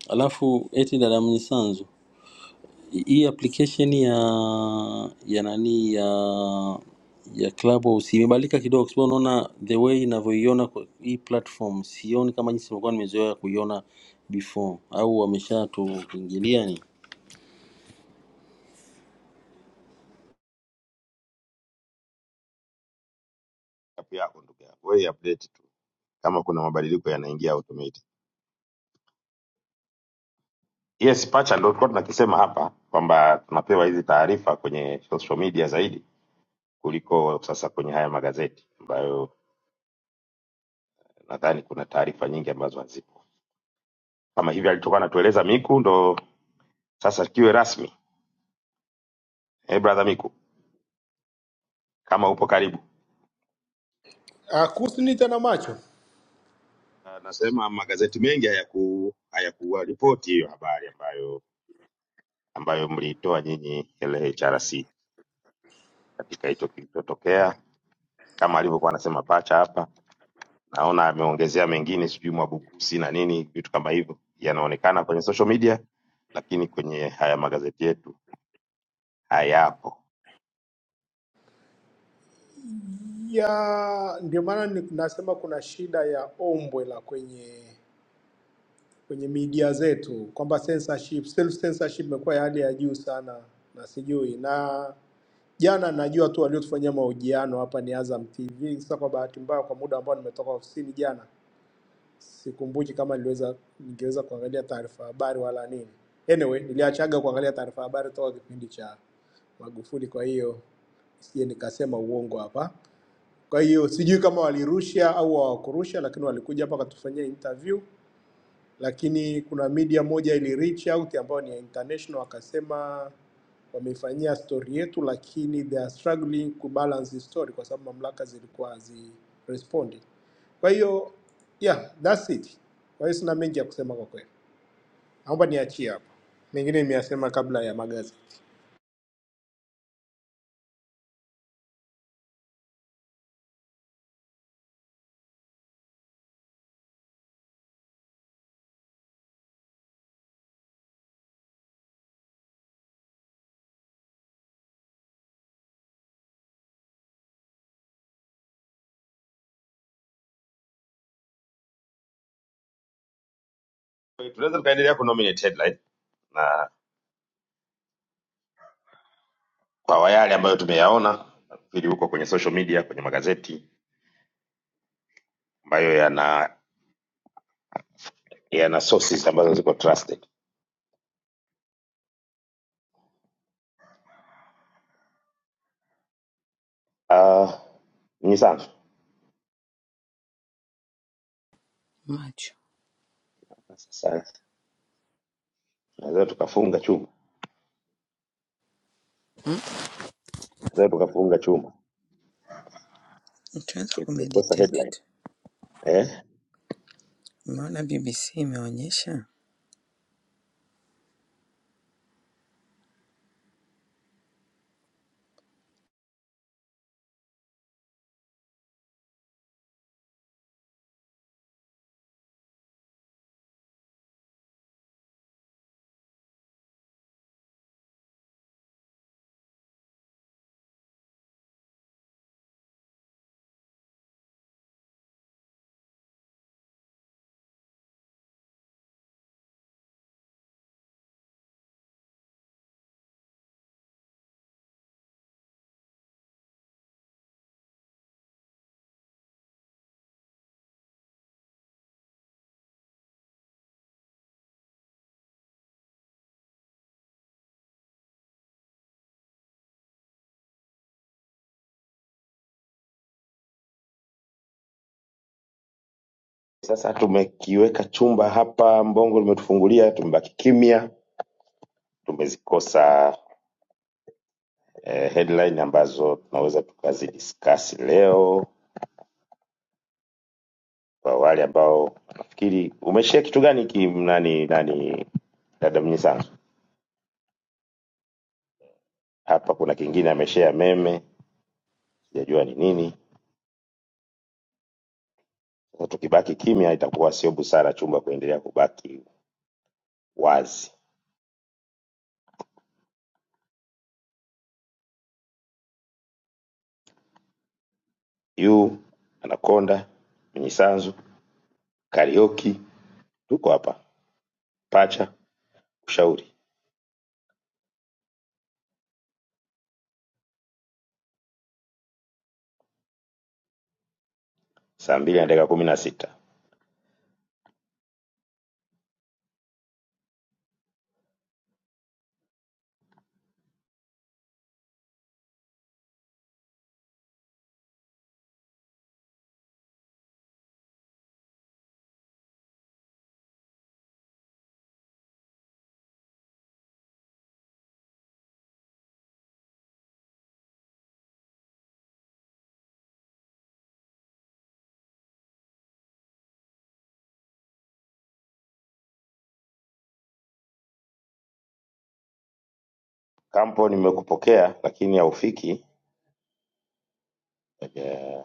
S5: Alafu eti dada Mnyisanzu, hi- hii application ya ya nani ya ya Clubhouse imebalika kidogo, kwa sababu unaona the way inavyoiona kwa hii platform sioni kama jinsi nilikuwa nimezoea kuiona before, au wameshatuingilia ni
S1: app yako ndugu yangu, wewe update tu kama kuna mabadiliko yanaingia automatic. Yes, pacha ndio tulikuwa tunakisema hapa kwamba tunapewa hizi taarifa kwenye social media zaidi kuliko sasa kwenye haya magazeti ambayo nadhani kuna taarifa nyingi ambazo hazipo. Kama hivi alitoka anatueleza Miku, ndo sasa kiwe rasmi. Hey brother Miku, kama upo karibu.
S4: Ah, Kuhusu nini tena macho
S1: Na- Nasema magazeti mengi hayaku hayakuripoti hiyo habari ambayo ambayo mliitoa nyinyi LHRC katika hicho kilichotokea kama alivyokuwa anasema pacha hapa naona ameongezea mengine sijui mwabukusi na nini vitu kama hivyo yanaonekana kwenye social media lakini kwenye haya magazeti yetu hayapo
S4: ya, ndio maana ni- nasema kuna shida ya ombwe la kwenye kwenye media zetu kwamba censorship, self censorship imekuwa ya hali ya juu sana, na sijui na jana, najua tu waliotufanyia mahojiano hapa ni Azam TV. Sasa kwa bahati mbaya, kwa muda ambao nimetoka ofisini jana, sikumbuki kama niliweza ningeweza kuangalia taarifa habari wala nini. Anyway, niliachaga kuangalia taarifa habari toka kipindi cha Magufuli, kwa hiyo sije nikasema uongo hapa. Kwa hiyo sijui kama walirusha au hawakurusha, lakini walikuja hapa wakatufanyia interview lakini kuna media moja ili reach out ambayo ni ya international, wakasema wameifanyia story yetu, lakini they are struggling kubalance the story kwa sababu mamlaka zilikuwa hazi respondi. Kwa hiyo yeah, that's it. Kwa hiyo sina mengi ya kusema kwa kweli, naomba niachie hapo, mengine nimeyasema kabla ya magazeti.
S1: Kwa hiyo tunaweza tukaendelea kunominate headline na kwa yale ambayo tumeyaona nafikiri huko kwenye social media kwenye magazeti ambayo yana yana sources ambazo ziko trusted uh, ni sana
S6: macho
S1: sasa tunaweza tukafunga chuma
S6: mm?
S1: tunaweza tukafunga chuma
S6: Tunaweza
S1: Okay, tumekosa
S6: kumeditate
S1: headline
S6: tu.
S1: Eh?
S6: Umeona BBC imeonyesha
S1: Sasa tumekiweka chumba hapa, Mbongo limetufungulia, tumebaki kimya, tumezikosa eh, headline ambazo tunaweza tukazidiscuss leo. Kwa wale ambao nafikiri umeshare kitu gani ki nani nani dada Mnyisanzu? Hapa kuna kingine ameshare meme, sijajua ni nini. Sasa tukibaki kimya itakuwa sio busara chumba kuendelea kubaki wazi. You Anaconda, Mnyisanzu, Karaoke, tuko hapa. Pacha, ushauri. saa mbili na dakika kumi na sita. Kampo, nimekupokea lakini haufiki. Eh,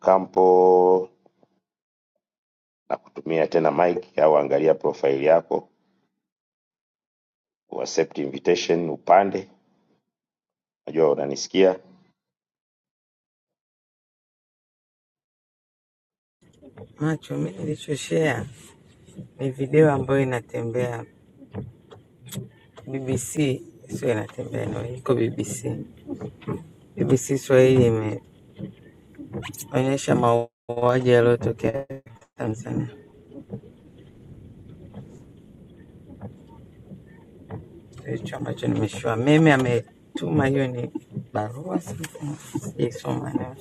S1: Kampo, nakutumia tena mic au angalia profile yako, accept invitation, upande. Najua unanisikia.
S6: macho. Mi nilichoshea ni video ambayo inatembea BBC, sio inatembea, ina- iko BBC. BBC Swahili imeonyesha mauaji yaliyotokea Tanzania. Hicho ambacho nimeshua meme ametuma, hiyo ni barua something. sijaisoma na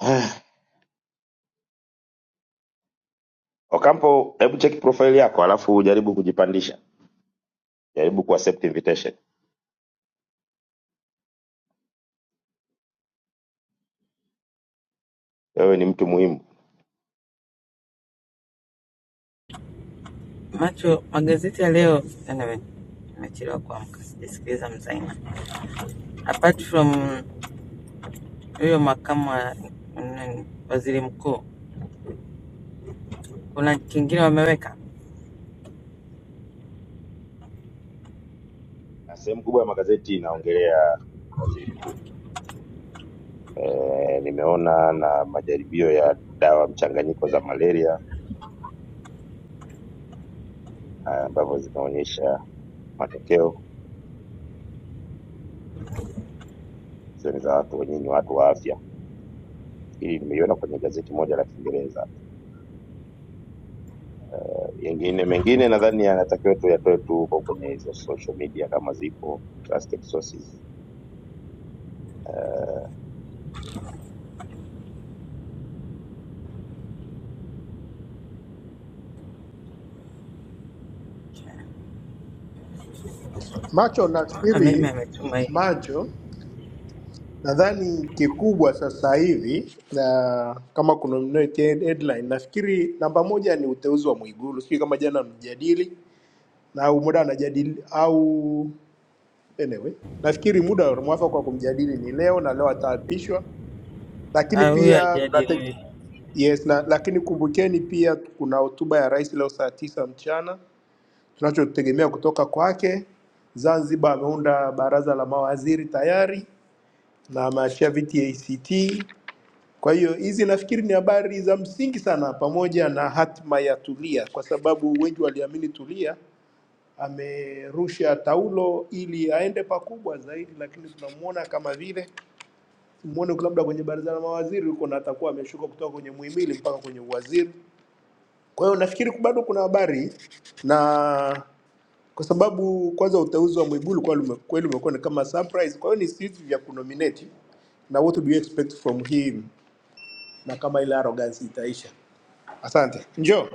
S1: (sighs) Okampo, hebu check profile yako alafu jaribu kujipandisha, jaribu ku accept invitation. Wewe ni mtu muhimu.
S6: macho. Magazeti ya leo yana- nimechelewa kuamka, sijasikiliza mzaina apart from huyo makamu wa nani, waziri mkuu, kuna kingine wameweka?
S1: Na Sehemu kubwa ya magazeti inaongelea waziri mkuu. E, nimeona na majaribio ya dawa mchanganyiko za malaria ah, ambavyo zinaonyesha matokeo zile za watu wenyewe ni watu wa afya. Hili nimeiona kwenye gazeti moja la Kiingereza. Yengine mengine nadhani yanatakiwa tuyatoe tu huko kwenye hizo social media kama zipo trusted sources. Uh,
S4: Macho
S6: Naona mimi
S4: nafikiri
S6: ametuma hii
S4: macho Nadhani kikubwa sasa hivi na kama kuna mnaoitia headline, nafikiri namba moja ni uteuzi wa Mwigulu. Sijui kama jana mjadili na au muda anajadili au anyway, nafikiri muda mwafaka wa kumjadili ni leo na leo ataapishwa, lakini
S6: Ah, huyo
S4: pia tunate-
S6: ajadiliwi,
S4: yes, na lakini kumbukeni pia kuna hotuba ya rais leo saa tisa mchana tunachotegemea kutoka kwake. Zanzibar ameunda baraza la mawaziri tayari na ameachia viti ACT Kwa hiyo hizi nafikiri ni habari za msingi sana, pamoja na hatima ya Tulia, kwa sababu wengi waliamini Tulia amerusha taulo ili aende pakubwa zaidi, lakini tunamuona kama vile muone labda kwenye baraza la mawaziri huko, na atakuwa ameshuka kutoka kwenye muhimili mpaka kwenye uwaziri. Kwa hiyo nafikiri bado kuna habari, na kwa sababu kwanza uteuzi wa Mwigulu kwa lume- kweli umekuwa ni kama surprise. Kwa hiyo ni vitu vya kunominate na what do you expect from him, na kama ile arrogance itaisha. Asante. Njoo.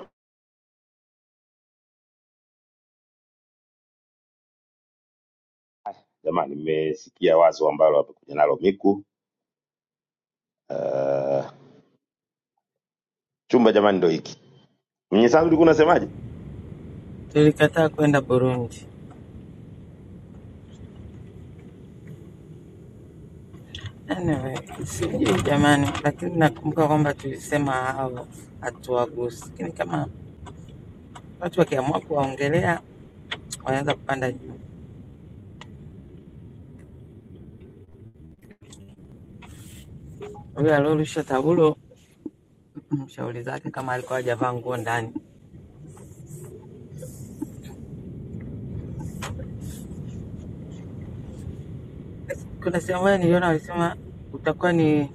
S1: Jamani, nimesikia wazo ambalo wamekuja nalo Miku. Uh, chumba jamani, ndo hiki. Mwenye sangu ulikuwa unasemaje?
S6: tulikataa kwenda Burundi. Anyway, sijui jamani, lakini nakumbuka kwamba tulisema hao hatuwagusi, lakini kama watu wakiamua kuwaongelea wanaweza kupanda juu. Huyo aliorusha taulo mshauri zake, kama alikuwa hajavaa nguo ndani. Kuna sehemu moja niliona walisema utakuwa ni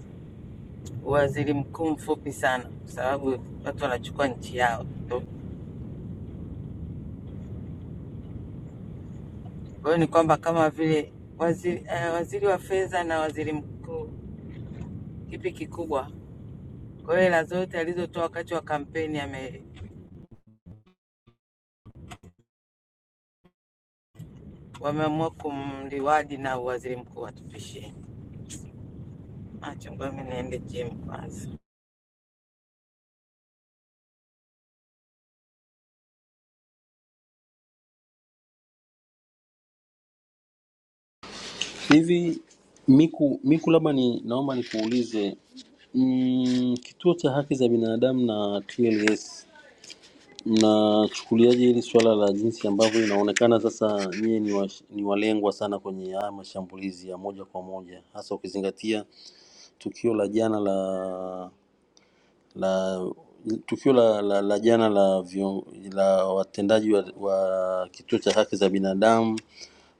S6: waziri mkuu mfupi sana, kwa sababu watu wanachukua nchi yao tu. Kwa hiyo ni kwamba kama vile waziri, eh, waziri wa fedha na waziri mkuu, kipi kikubwa? Kwa hiyo hela zote alizotoa wakati wa kampeni ame, wameamua kumliwadi na waziri mkuu atupishie. Acha ngoja mimi niende gym kwanza.
S5: Hivi Miku, Miku labda ni naomba nikuulize mm, kituo cha haki za binadamu na TLS mnachukuliaje hili suala la jinsi ambavyo inaonekana sasa nyie ni, wa, ni walengwa sana kwenye haya mashambulizi ya moja kwa moja, hasa ukizingatia tukio la jana la la tukio la, la, la jana la, vion, la watendaji wa, wa kituo cha haki za binadamu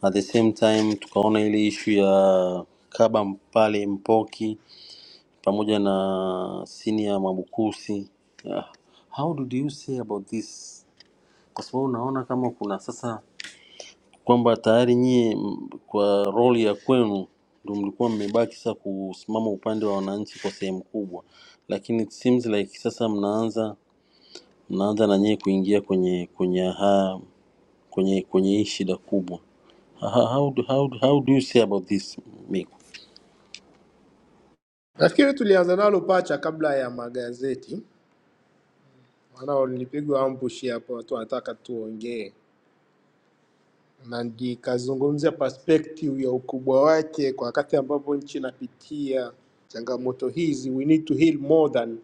S5: at the same time tukaona ile ishu ya kaba pale mpoki pamoja na senior mwabukusi Ah, how did you say about this kwa sababu unaona kama kuna sasa kwamba tayari nyie m, kwa roli ya kwenu ndio mlikuwa mmebaki sasa kusimama upande wa wananchi kwa sehemu kubwa lakini it seems like sasa mnaanza mnaanza na nyewe kuingia kwenye kwenye ha, kwenye kwenye hii shida kubwa. Ha- ha- How do, how, do- how do you say about this Miku?
S4: Nafikiri tulianza nalo pacha kabla ya magazeti, maana nilipigwa ambush hapo, watu wanataka tuongee na nikazungumzia perspective ya ukubwa wake kwa wakati ambapo nchi inapitia changamoto hizi. We need to heal more than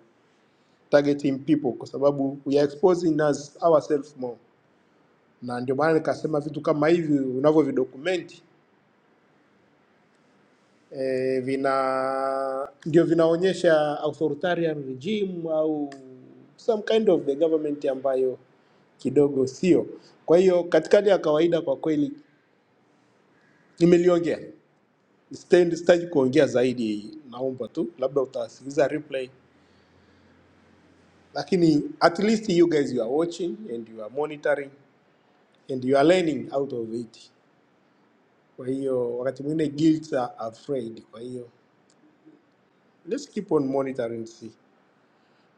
S4: targeting people, kwa sababu we are exposing us ourselves more, na ndio maana nikasema vitu kama hivi unavyovidokumenti eh, vina ndio vinaonyesha authoritarian regime au some kind of the government ambayo kidogo sio. Kwa hiyo katika hali ya kawaida, kwa kweli nimeliongea, sitaki sitaki kuongea zaidi, naomba tu labda utasikiliza replay, lakini at least you guys you are watching and you are monitoring and you are learning out of it. Kwa hiyo wakati mwingine guilt are afraid, kwa hiyo let's keep on monitoring see.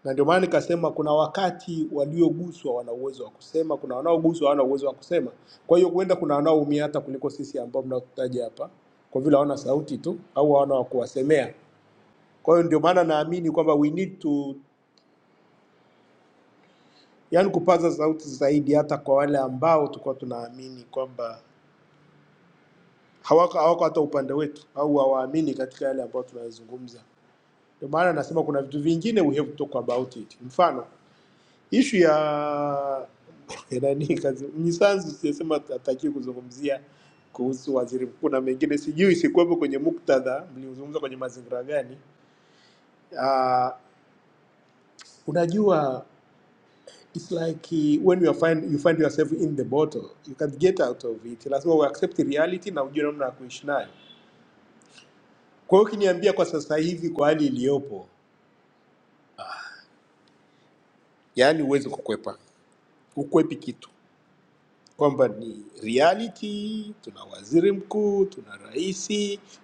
S4: na ndio maana nikasema kuna wakati walioguswa wana uwezo wa kusema, kuna wanaoguswa hawana uwezo wa kusema. Kwa hiyo huenda kuna wanaoumia hata kuliko sisi ambao mnataja hapa, kwa vile hawana sauti tu au hawana wa kuwasemea. Kwa hiyo ndio maana naamini kwamba we need to, yani kupaza sauti zaidi, hata kwa wale ambao tulikuwa tunaamini kwamba hawako hawako hata upande wetu au hawaamini katika yale ambayo tunayazungumza. Ndio maana nasema kuna vitu vingine we have to talk about it. Mfano ishu ya (laughs) ya nani kazi Mnyisanzu sijasema atakiwe kuzungumzia kuhusu waziri mkuu na mengine, sijui sikuwepo kwenye muktadha, mlizungumza kwenye mazingira gani? Uh, unajua it's like when you find, you find yourself in the bottle you can't get out of it. Lazima u accept reality na ujue namna ya kuishi nayo. Kwa hiyo ukiniambia kwa sasa hivi, kwa hali iliyopo, yaani huwezi kukwepa, ukwepi kitu kwamba ni reality. Tuna waziri mkuu, tuna rais,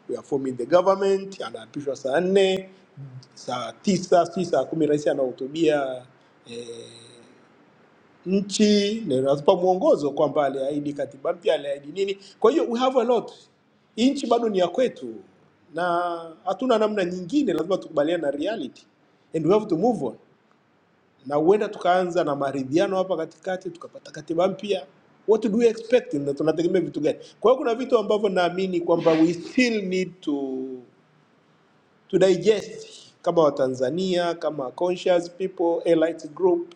S4: we are forming the government. Anaapishwa saa nne, saa tisa, si saa kumi rais anahutubia eh, nchi na inatupa mwongozo kwamba aliahidi katiba mpya, aliahidi nini. Kwa hiyo we have a lot. Hii nchi bado ni ya kwetu na hatuna namna nyingine, lazima tukubaliane na reality and we have to move on na huenda tukaanza na maridhiano hapa katikati, tukapata katiba mpya. What do we expect? Na tunategemea vitu gani? Kwa hiyo kuna vitu ambavyo naamini kwamba we still need to, to digest kama Watanzania, kama conscious people, elite group,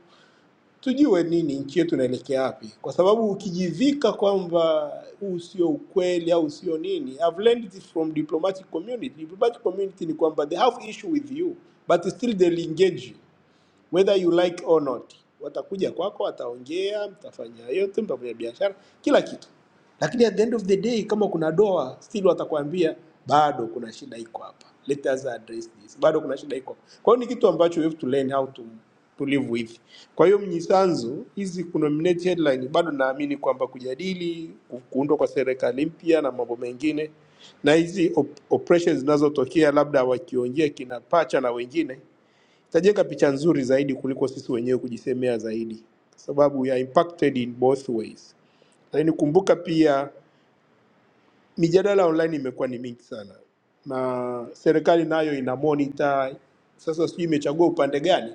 S4: tujue nini nchi yetu inaelekea wapi, kwa sababu ukijivika kwamba huu sio ukweli au sio nini. I've learned this from diplomatic community. Diplomatic community ni kwamba they have issue with you but still they'll engage you whether you like or not. Watakuja kwako, wataongea, mtafanya yote, mtafanya biashara, kila kitu, lakini at the end of the day, kama kuna doa still watakwambia bado kuna shida iko hapa, let us address this, bado kuna shida iko hapa. Kwa hiyo ni kitu ambacho we have to learn how to to live with. Kwa hiyo mnyisanzu hizi kunominate headline, bado naamini kwamba kujadili ku- kuundwa kwa serikali mpya na mambo mengine na hizi op operations zinazotokea labda wakiongea kina pacha na wengine itajenga picha nzuri zaidi kuliko sisi wenyewe kujisemea zaidi, kwa sababu we are impacted in both ways. Lakini kumbuka pia mijadala online imekuwa ni mingi sana, na serikali nayo ina monitor. Sasa sijui imechagua upande gani,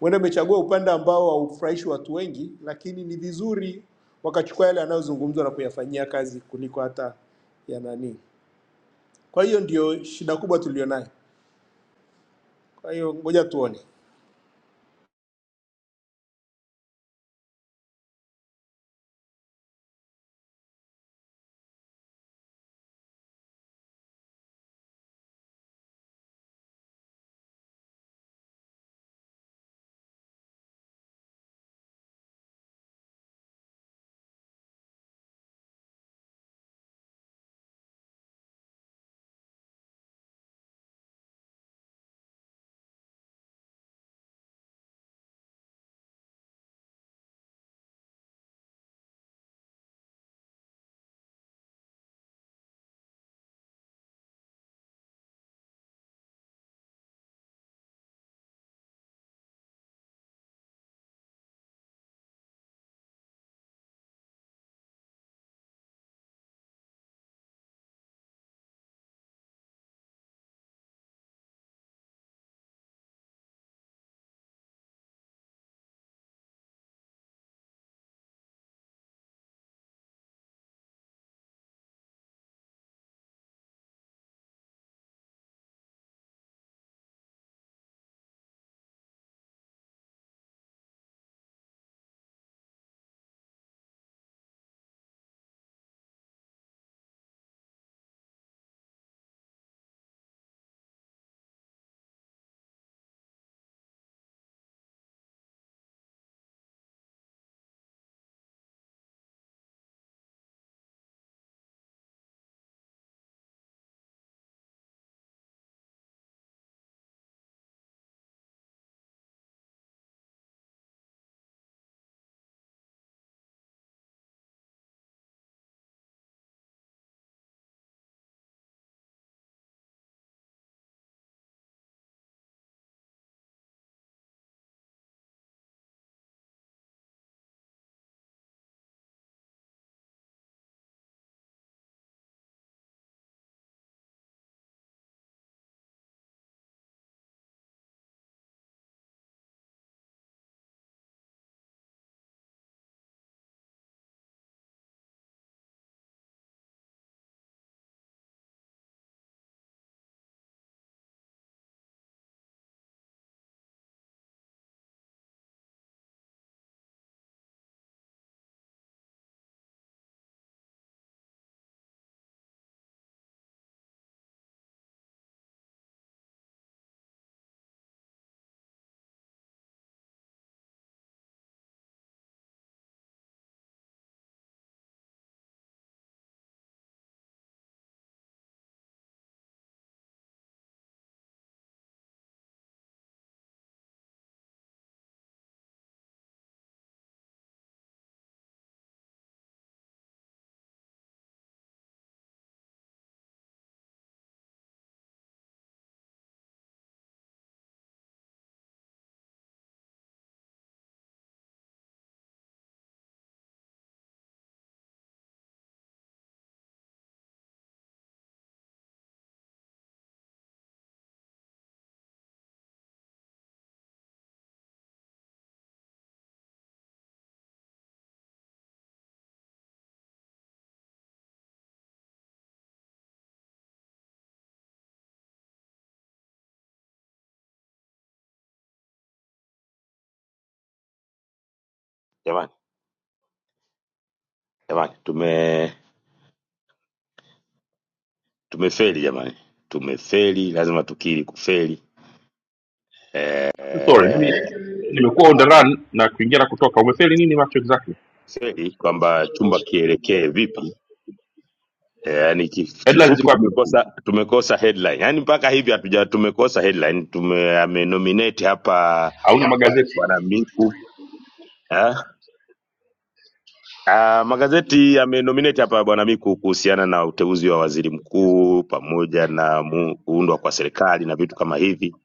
S4: huenda imechagua upande ambao haufurahishi watu wengi, lakini ni vizuri wakachukua yale yanayozungumzwa na kuyafanyia kazi kuliko hata ya nani. Kwa hiyo ndio shida kubwa tulionayo. Kwa hiyo ngoja tuone.
S1: Jamani, jamani, tume tumefeli jamani, tumefeli, lazima tukiri kufeli.
S7: sorry mimi
S1: Eh,
S7: nimekuwa on the run na kuingia na kutoka umefeli nini macho exactly
S1: feli kwamba chumba kielekee vipi Eh, yani kif-
S7: headline
S1: kifupi
S7: ziko wapi mkuu
S1: tumekosa tumekosa headline yani mpaka hivi hatuja tumekosa headline tume amenominate hapa
S7: hauna magazeti
S1: bwana Miku eh? Ah, magazeti yamenominate hapa bwana Miku kuhusiana na uteuzi wa waziri mkuu pamoja na mu, kuundwa kwa serikali na vitu kama hivi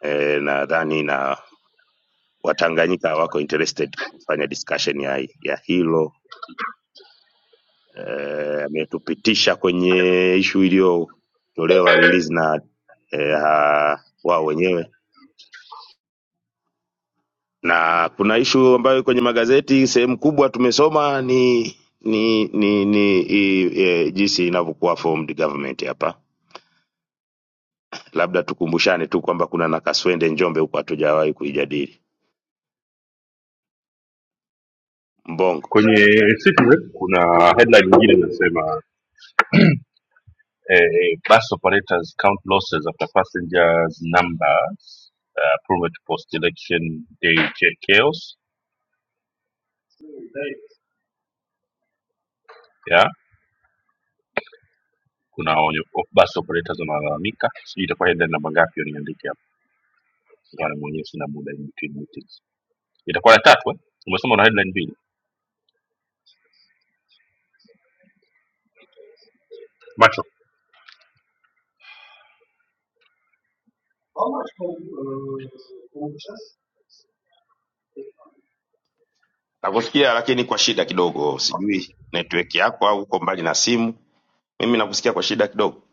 S1: eh, nadhani na Watanganyika wako interested kufanya discussion ya, ya hilo eh, ametupitisha kwenye ishu iliyotolewa release na eh, ha- wao wenyewe na kuna ishu ambayo kwenye magazeti sehemu kubwa tumesoma ni ni ni, ni i, e, jinsi inavyokuwa formed government hapa. Labda tukumbushane tu kwamba kuna na kaswende Njombe huko hatujawahi kuijadili Mbongo.
S7: kwenye citizen kuna headline nyingine inasema eh, bus operators count losses after passengers numbers uh, plummet post election day cha- chaos yeah kuna onyo of- bus operators wanalalamika sijui itakuwa headline namba ngapi hiyo niandike hapa Bwana mwenyewe sina muda in between meetings itakuwa ya tatu eh? umesema una headline mbili macho
S1: Nakusikia lakini kwa shida kidogo, sijui network yako au uko mbali na simu. Mimi nakusikia kwa shida kidogo.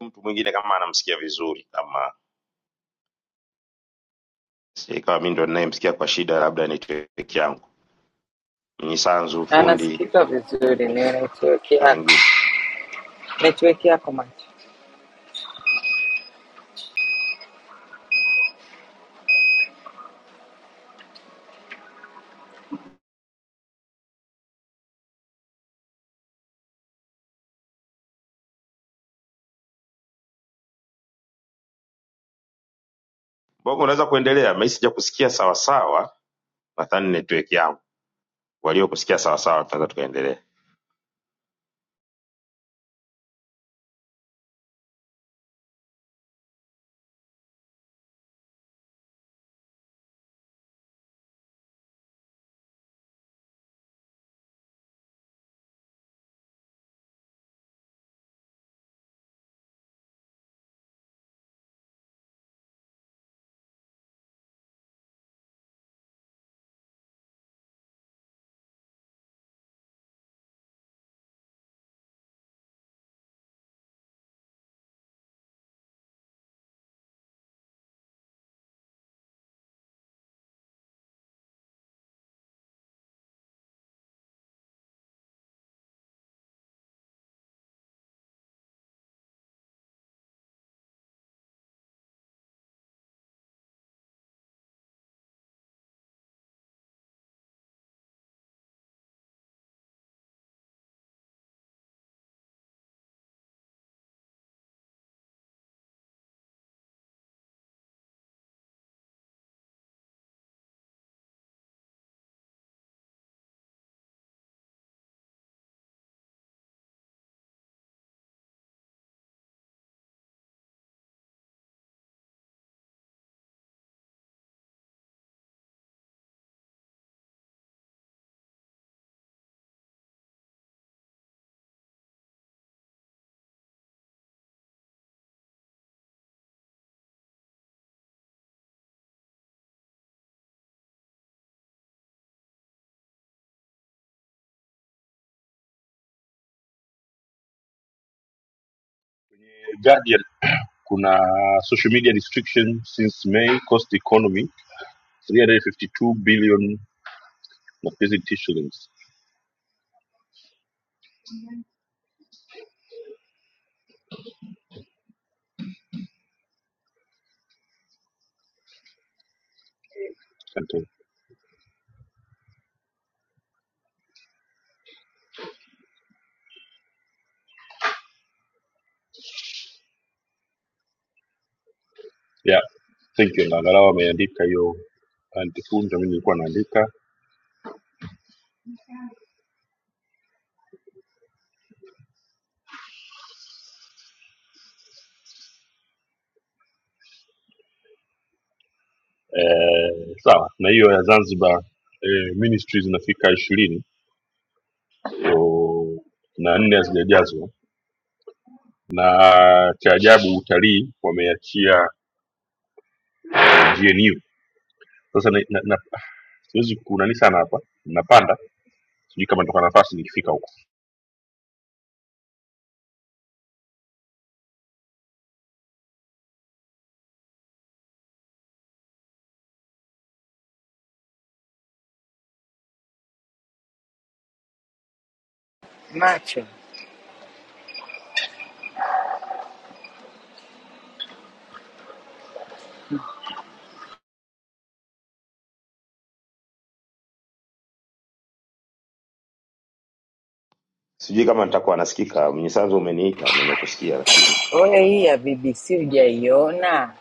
S1: Mtu mwingine kama anamsikia vizuri, kama si- kama mimi ndo ninayemsikia kwa shida, labda network yangu. Mnyisanzu
S6: Na
S1: fundi
S6: nasikika vizuri, ni network
S1: na
S6: yako,
S1: wengine.
S6: network yako macho
S1: Mbogo unaweza kuendelea, mimi sijakusikia sawasawa, nadhani network yangu. Waliokusikia sawasawa tunaweza tukaendelea.
S7: kuna social media restriction since may cost economy 352 billion na pesa shillings Asante. yeah thank you na angalau ameandika hiyo antifunja mi nilikuwa naandika eh, sawa na hiyo ya zanzibar eh, ministry zinafika ishirini so, na nne hazijajazwa na cha ajabu utalii wameachia gnu sasa na, na, na, siwezi kunani sana hapa napanda sijui kama nitoka nafasi nikifika
S6: macho.
S1: Sijui kama nitakuwa nasikika, Mnyisanzu umeniita, nimekusikia lakini
S6: Wewe hii ya BBC hujaiona?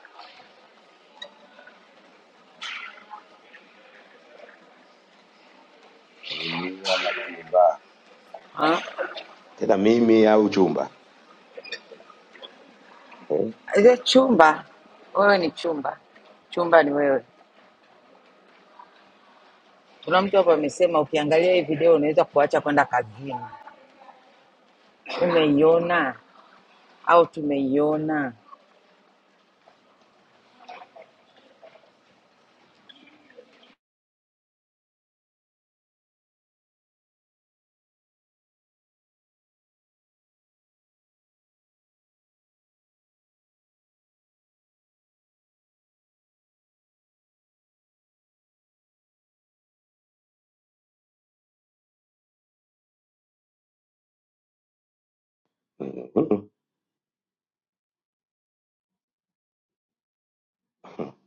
S1: mimi ama chumba
S6: Ha?
S1: tena mimi au chumba eh?
S6: ile chumba wewe ni chumba chumba ni wewe kuna mtu hapa amesema ukiangalia hii video unaweza kuacha kwenda kazini umeiona au tumeiona
S1: Mm. (laughs)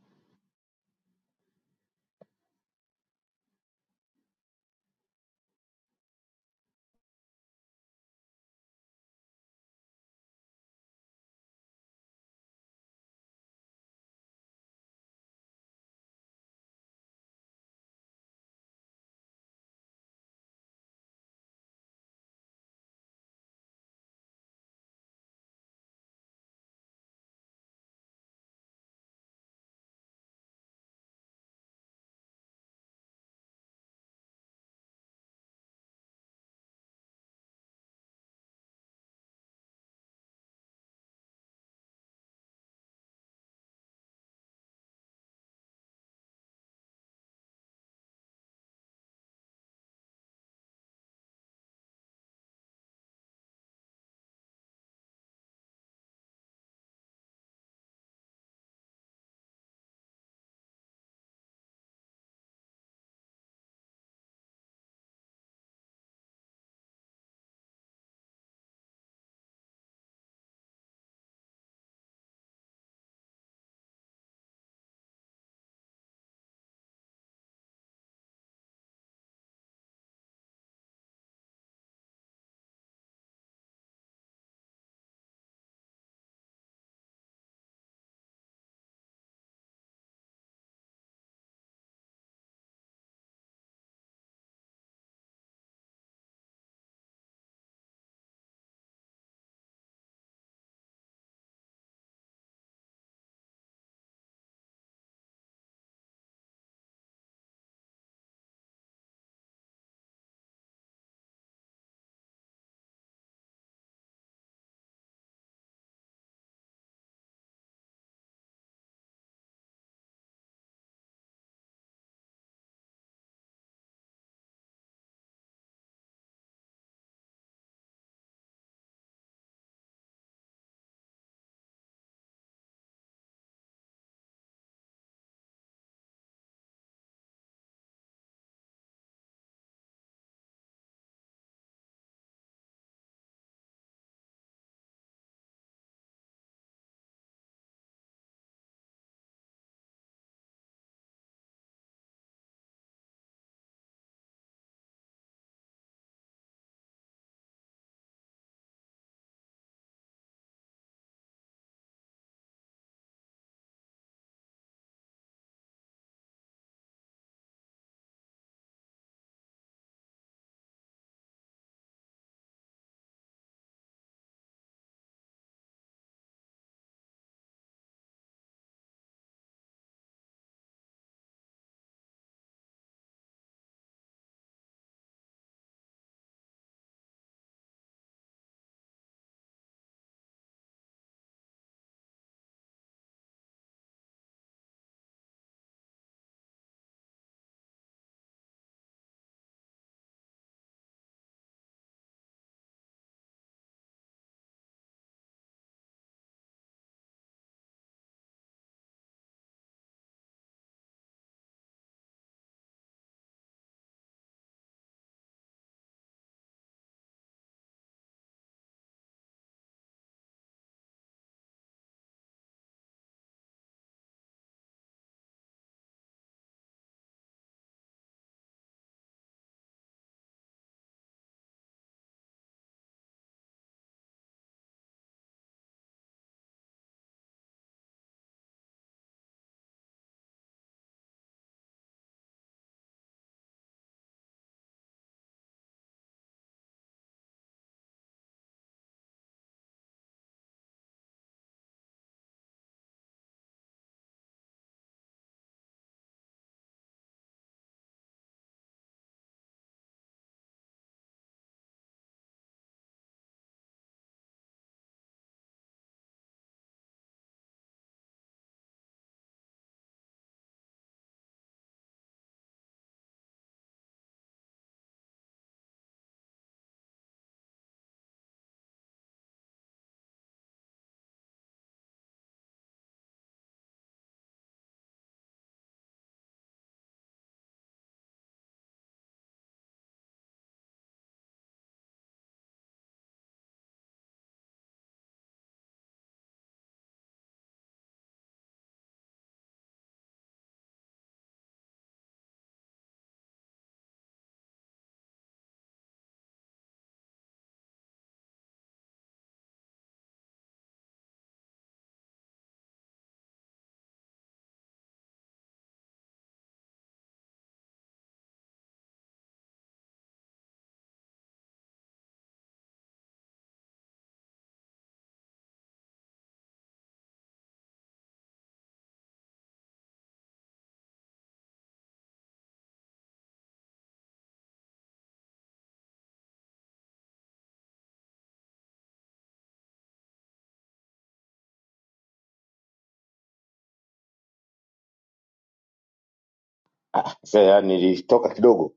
S1: Sasa yani nilitoka kidogo,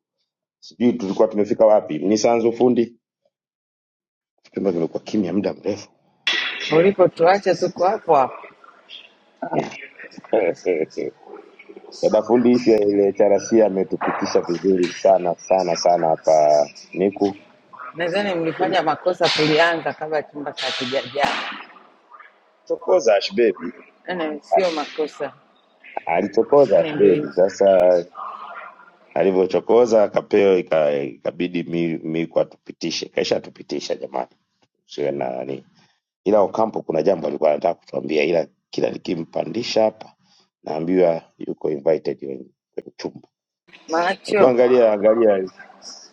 S1: sijui tulikuwa tumefika wapi. Mnyisanzu fundi, chumba kimekuwa kimya muda mrefu.
S6: ulipotuacha tuko hapo hapo
S1: (laughs) Dada fundi, ishu ya ile charasi ametupitisha vizuri sana sana sana hapa Miku.
S6: nadhani mlifanya makosa kulianza kabla chumba hakijajaa
S1: Chokoza ashbebi
S6: Yaani sio makosa
S1: alichokoza
S6: Yaani ndio
S1: Asbeli. Sasa alivyochokoza kapeo ika- ikabidi mi, Miku atupitishe, kesha atupitisha jamani, usiwe na nani. Ila Okampo kuna jambo alikuwa anataka kutuambia, ila kila nikimpandisha hapa naambiwa yuko invited kwenye kwenye chumba. Hebu
S6: macho
S1: angalia angalia.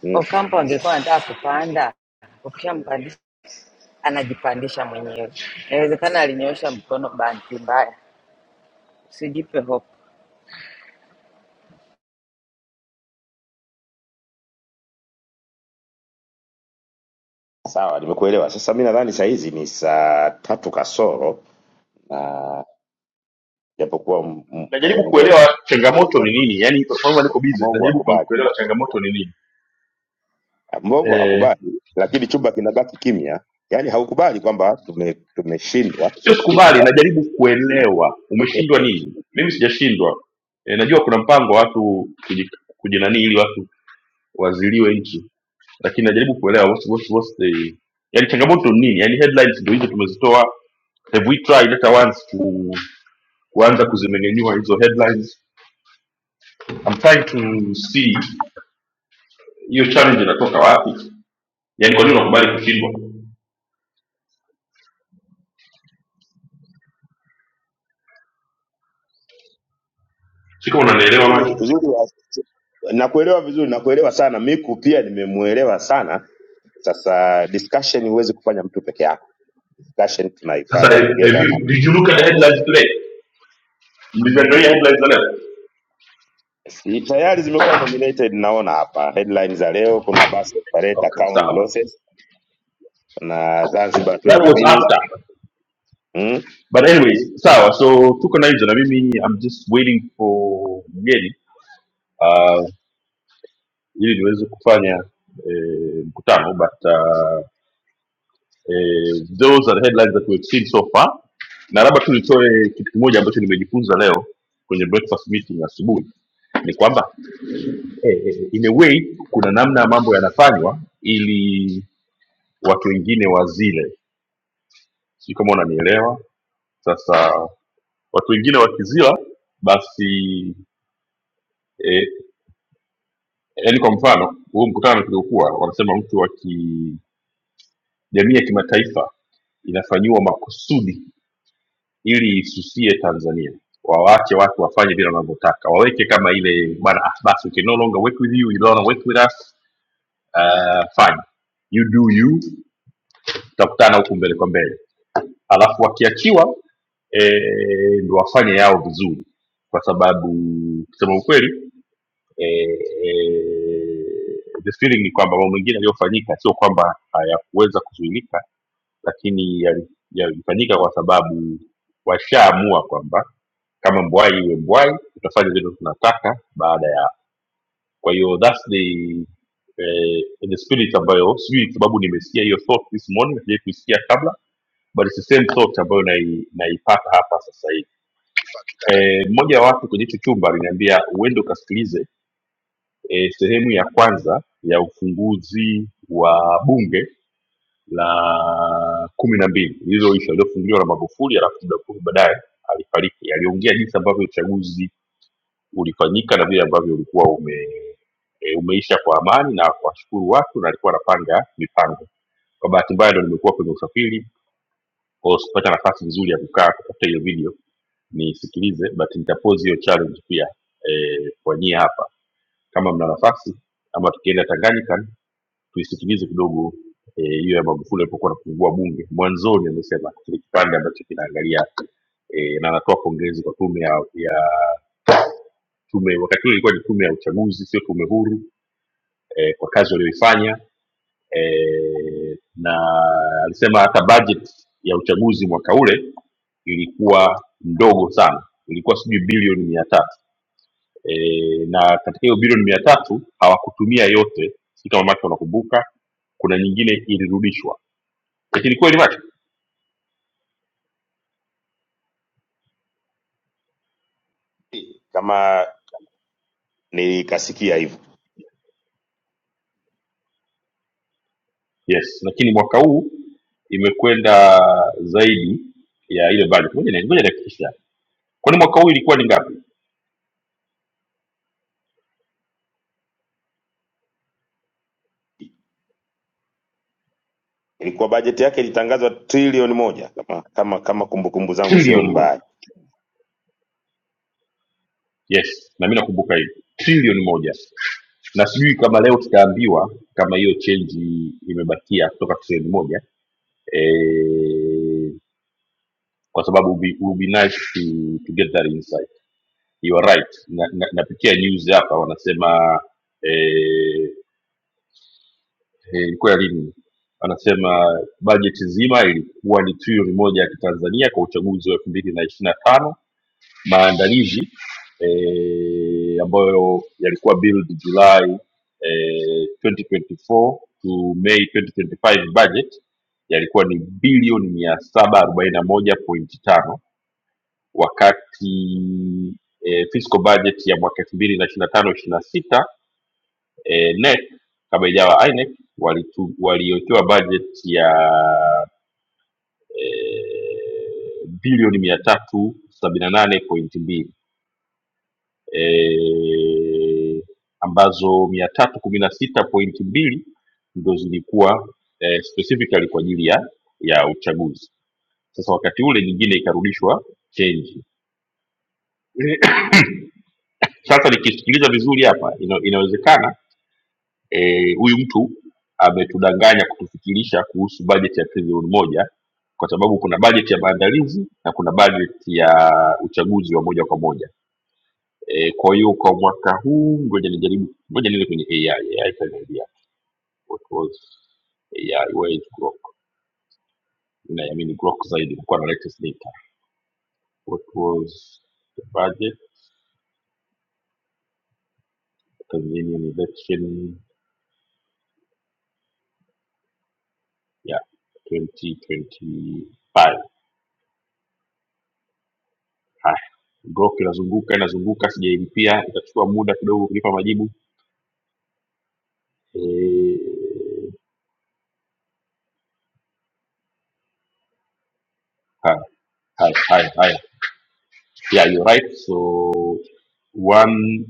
S1: Mm,
S6: okampo angekuwa anataka kupanda ukishampandisha anajipandisha mwenyewe inawezekana alinyoosha mkono bahati mbaya usijipe hope
S1: sawa, nimekuelewa. Sasa mi nadhani saa hizi ni saa tatu kasoro na japokuwa m- m-
S7: najaribu kuelewa
S1: Mbongo
S7: changamoto ni nini yani kwa sababu niko busy
S1: mbongo
S7: najaribu ku-
S1: akubali
S7: kuelewa changamoto ni nini
S1: Mbongo
S7: eh,
S1: hawakubali, lakini chumba kinabaki kimya, yaani haukubali kwamba tume- tumeshindwa.
S7: sio sikubali
S1: (laughs)
S7: najaribu kuelewa umeshindwa nini mimi sijashindwa eh, najua kuna mpango wa watu kuji- kujinanii ili watu waziliwe nchi lakini najaribu kuelewa what's, what's, what's the yani changamoto ni nini yani headlines ndio hizo tumezitoa have we tried hata once ku, kuanza kuzimengenyua hizo headlines I'm trying to see hiyo challenge inatoka wapi yani kwa nini unakubali kushindwa si kama unanielewa
S1: Uzuri
S7: macho
S1: uzuri wa- nakuelewa vizuri, nakuelewa sana. Miku pia nimemwelewa sana. Sasa discussion huwezi kufanya mtu peke yako, discussion
S7: Sasa
S1: tunaifanya
S7: have
S1: together na
S7: you, did you
S1: wengine.
S7: look at the headlines today? Nimeangalia headlines leo.
S1: Si tayari zimekuwa nominated, naona hapa headline za leo, kuna bus operator
S7: Okay,
S1: account
S7: sawa.
S1: losses na Zanzibar
S7: That
S1: 20
S7: was
S1: minutes
S7: after.
S1: mm.
S7: But anyways, sawa. So tuko na hizo na mimi I'm just waiting for mgeni uh, ili niweze kufanya eh, mkutano but uh, eh, those are the headlines that we've seen so far. Na labda tu nitoe kitu kimoja ambacho nimejifunza leo kwenye breakfast meeting asubuhi ni kwamba eh, eh, in a way kuna namna mambo yanafanywa ili watu wengine wazile sijui kama unanielewa sasa watu wengine wakizila basi eh, yaani kwa mfano huu mkutano tuliokuwa wanasema mtu aki jamii ya kimataifa inafanyiwa makusudi ili isusie tanzania wawache watu wafanye vile wanavyotaka waweke kama ile bana ah, basi okay, no longer work with you, you don't wanna work with us uh, fine you do you tutakutana huku mbele kwa mbele alafu wakiachiwa eh, ndo wafanye yao vizuri kwa sababu kusema ukweli eh, the feeling ni kwamba mambo mengine yaliyofanyika sio kwamba hayakuweza kuzuilika lakini yali- yalifanyika kwa sababu washaamua kwamba kama mbwai iwe mbwai tutafanya vile tunataka baada ya kwa hiyo thats the eh, the spirit ambayo sijui sababu nimesikia hiyo thought this morning sijai kuisikia kabla but it's the same thought ambayo nai- naipata hapa sasa hivi Eh, mmoja wa watu kwenye hicho chumba aliniambia uende ukasikilize eh, sehemu ya kwanza ya ufunguzi wa bunge la kumi na mbili lililoisha lililofunguliwa na Magufuli, alafu muda mfupi baadaye alifariki. Aliongea jinsi ambavyo uchaguzi ulifanyika na vile ambavyo ulikuwa ume eh, umeisha kwa amani na kuwashukuru watu, na alikuwa anapanga mipango. Kwa bahati mbaya ndo nimekuwa kwenye usafiri, kwa hiyo sikupata nafasi nzuri ya kukaa kutafuta hiyo video nisikilize but nitapose hiyo challenge pia eh, kwa nyie hapa kama mna nafasi ama tukienda tanganyika tuisikilize kidogo eh, hiyo eh, ya magufuli alipokuwa anafungua bunge mwanzoni amesema kile kipande ambacho kinaangalia eh, na anatoa pongezi kwa tume ya, ya tume wakati huo ilikuwa ni tume ya uchaguzi sio tume huru eh, kwa kazi walioifanya eh, na alisema hata budget ya uchaguzi mwaka ule ilikuwa ndogo sana ilikuwa sijui bilioni mia tatu e, na katika hiyo bilioni mia tatu hawakutumia yote si kama macho wanakumbuka kuna nyingine ilirudishwa lakini kweli macho
S1: kama nilikasikia hivyo
S7: yes lakini mwaka huu imekwenda zaidi ya ile budget ngoja ni- ngoja nihakikishe kwani mwaka huu ilikuwa ni ngapi
S1: ilikuwa bajeti yake ilitangazwa trilioni moja kama kama kama kumbukumbu zangu sio
S7: trilioni moja
S1: mbaya.
S7: yes na mimi nakumbuka hivi trilioni moja na sijui kama leo tutaambiwa kama hiyo chenji imebakia kutoka trilioni moja e, kwa sababu it would be, it would be nice to, to get that insight you are right na, na, napitia news hapa wanasema eh, eh, ilikuwa ya lini wanasema bajeti nzima ilikuwa ni trilioni moja ya kitanzania kwa uchaguzi wa elfu mbili na ishiri na tano maandalizi eh, ambayo yalikuwa build july eh, 2024 to may 2025 budget yalikuwa ni bilioni mia saba arobaini na moja pointi tano wakati e, fiscal budget ya mwaka elfu mbili na ishiri na tano ishiri na sita e, NEC kama ijawa INEC walitu- waliotoa budget ya e, bilioni mia tatu sabini na nane pointi mbili e, ambazo mia tatu kumi na sita pointi mbili ndo zilikuwa eh, specifically kwa ajili ya ya uchaguzi sasa wakati ule nyingine ikarudishwa change Sasa nikisikiliza vizuri hapa, ina, inawezekana eh, huyu mtu ametudanganya kutufikirisha kuhusu bajeti ya trilioni moja kwa sababu kuna bajeti ya maandalizi na kuna bajeti ya uchaguzi wa moja kwa moja. E, kwa hiyo kwa mwaka huu, ngoja nijaribu, ngoja niende kwenye AI. AI itaniambia what was AI, where is Grok? Naiamini Grok zaidi kwa na latest data. What was the budget Tanzanian election ya 2025 Haya, Grok inazunguka inazunguka, sijailipia, itachukua muda kidogo kunipa majibu. Eh, Haya, haya, haya, haya. Yeah, you're right. So 1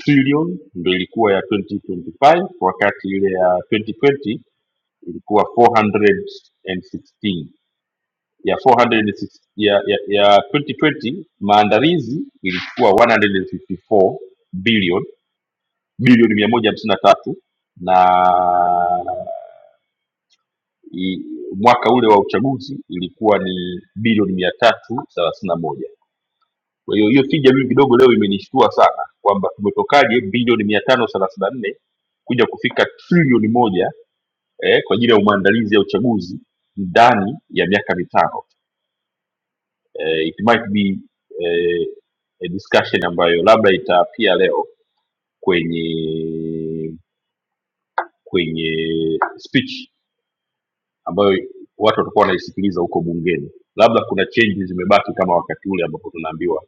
S7: trillion ndo ilikuwa ya 2025 wakati ile ya 2020 ilikuwa 416 ya 406 ya, ya, ya 2020 maandalizi ilikuwa 154 billion bilioni bilioni mia moja hamsini na tatu na i- mwaka ule wa uchaguzi ilikuwa ni bilioni mia tatu thelathini na moja kwa hiyo hiyo tija mimi kidogo leo imenishtua sana kwamba tumetokaje bilioni mia tano thelathini na nne kuja kufika trilioni moja eh, kwa ajili ya maandalizi ya uchaguzi ndani ya miaka mitano eh, it might be eh, a discussion ambayo labda itaapia leo kwenye kwenye speech ambayo watu watakuwa wanaisikiliza huko bungeni labda kuna change zimebaki kama wakati ule ambapo tunaambiwa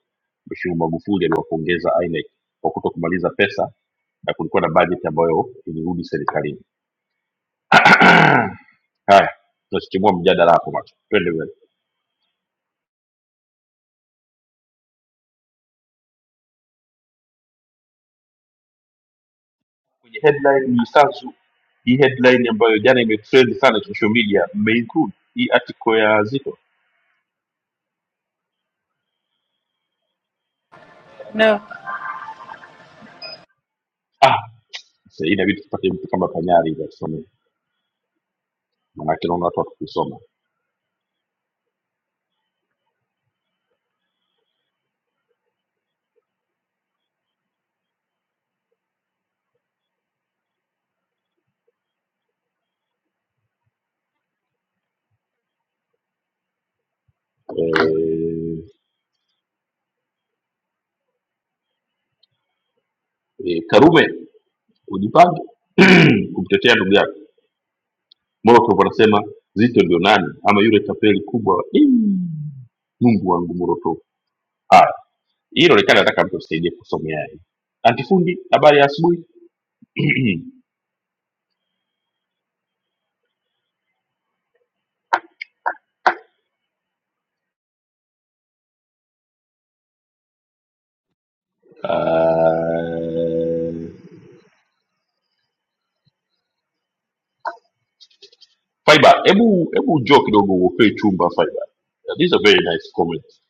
S7: mheshimiwa magufuli aliwapongeza inec kwa kutokumaliza pesa na kulikuwa na bajeti ambayo ilirudi serikalini (clears throat) haya tunasichimua mjadala hapo macho twende mbele kwenye headline ni sanzu hii headline ambayo jana imetrend sana social media mmeinclude hii article ya zito
S6: no
S7: ah sasa hii inabidi tupate mtu kama panyari hivi atusomee maanake naona watu watakusoma eh, eh, karume ujipange (clears throat) kumtetea ndugu yako moroto anasema zito ndio nani ama yule tapeli kubwa wa- Mm. mungu wangu moroto haya hii inaonekana nataka mtu asaidie kusomea hii antifundi habari ya asubuhi (clears throat) uh, fiber hebu hebu njoo kidogo uokoe chumba fiber these are very nice comments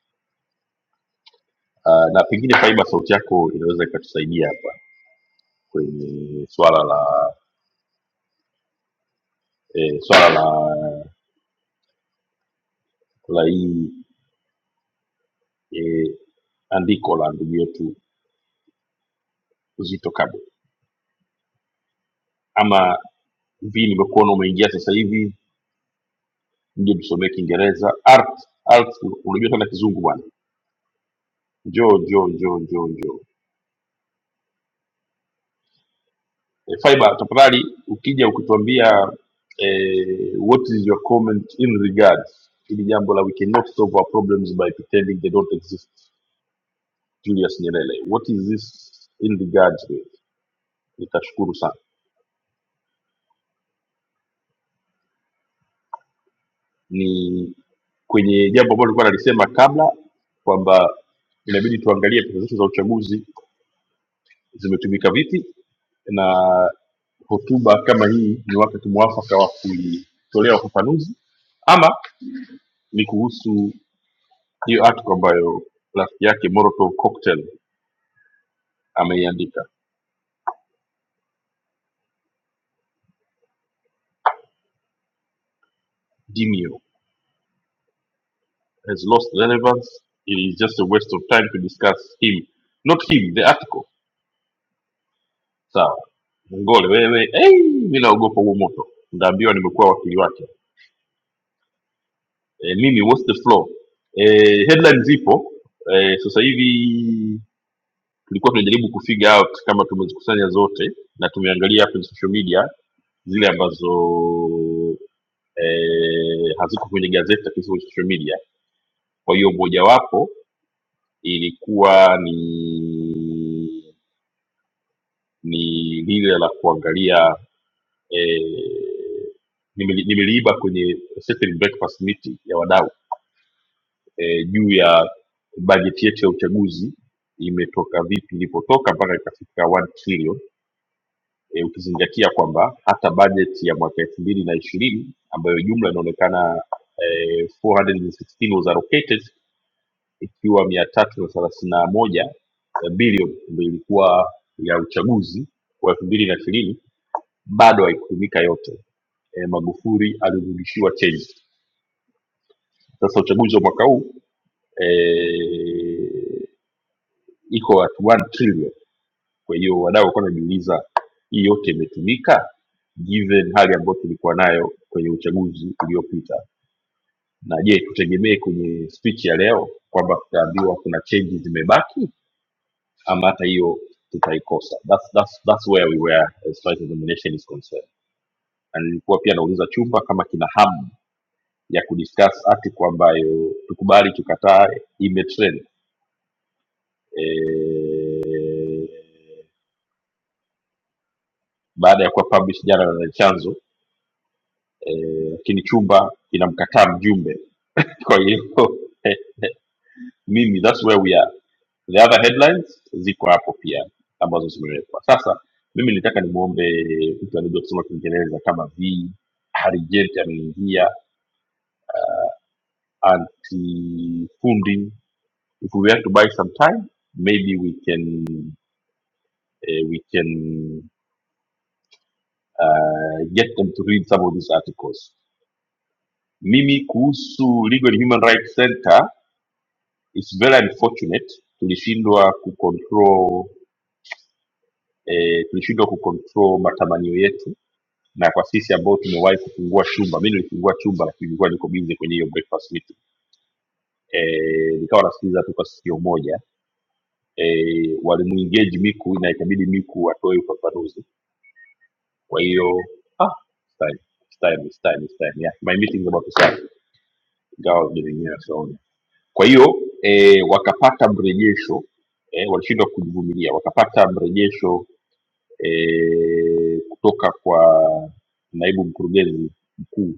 S7: uh, na pengine fiber sauti yako inaweza ikatusaidia hapa kwenye swala la eh, swala la la hii eh, andiko la ndugu yetu Zito Kabwe, ama vi nimekuona umeingia sasa hivi, nje tusomee Kiingereza. Art, art, unajua sana kizungu bwana, njoo njoo njoo njoo njoo. E, Faiba tafadhali, ukija ukituambia eh, what is your comment in regards hili jambo la we cannot solve our problems by pretending they don't exist, Julius Nyerere, what is this in regards with? Nitashukuru sana. Ni kwenye jambo ambalo nilikuwa nalisema kabla kwamba inabidi tuangalie pesa zetu za uchaguzi zimetumika vipi na hotuba kama hii ni wakati mwafaka wa kuitolea ufafanuzi ama ni kuhusu hiyo article ambayo rafiki yake Molotov Cocktail ameiandika Dimio has lost relevance it is just a waste of time to discuss him not him the article sawa ngole wewe hey, mi naogopa huo moto ndaambiwa nimekuwa wakili wake e, mimi what's the floor e, headline zipo e, sasa hivi tulikuwa tunajaribu kufigure out kama tumezikusanya zote na tumeangalia kwenye social media zile ambazo eh, haziko kwenye gazeti lakini ziko kwenye social media kwa hiyo mojawapo ilikuwa ni ni lile la kuangalia eh, nimeli- nimeliiba kwenye certain breakfast meeting ya wadau eh, juu ya bajeti yetu ya uchaguzi imetoka vipi ilipotoka mpaka ikafika 1 trillion e, ukizingatia kwamba hata bajeti ya mwaka elfu mbili na ishirini ambayo jumla inaonekana e, 416 was allocated ikiwa mia tatu na thelathini na moja eh, bilioni ndio ilikuwa ya uchaguzi wa elfu mbili na ishirini bado haikutumika yote e, magufuli alirudishiwa change sasa uchaguzi wa mwaka huu e, iko at 1 trillion Kwa hiyo wadau walikuwa wanajiuliza hii yote imetumika given hali ambayo tulikuwa nayo kwenye uchaguzi uliopita, na je, tutegemee kwenye speech ya leo kwamba tutaambiwa kuna changes zimebaki ama hata hiyo tutaikosa? That's, that's, that's where we were as far as the nomination is concerned. Na nilikuwa pia nauliza chumba kama kina hamu ya kudiscuss article ambayo tukubali tukatae imetrend eh, baada ya kuwa published jana na chanzo eh, lakini e, chumba kinamkataa mjumbe kwa hiyo (laughs) eh, mimi that's where we are the other headlines ziko hapo pia ambazo zimewekwa sasa mimi nitaka nimwombe mtu anajua kusoma kiingereza kama v harijeti ameingia antifundi if we have to buy some time maybe we can eh, we can uh, get them to read some of these articles mimi kuhusu legal and human rights center is very unfortunate tulishindwa kucontrol e, tulishindwa kucontrol matamanio yetu na kwa sisi ambao tumewahi kufungua chumba mi nilifungua chumba lakini nilikuwa niko busy kwenye hiyo breakfast meeting e, nikawa nasikiliza tu kwa sikio moja e, walimuengage miku na ikabidi miku atoe ufafanuzi kwa hiyo ah, it's time, it's time, it's time, it's time. Yeah, my meeting is about to start ingawa vinaenyewe sioni kwa hiyo e, wakapata mrejesho e, walishindwa kujivumilia wakapata mrejesho e, kutoka kwa naibu mkurugenzi mkuu,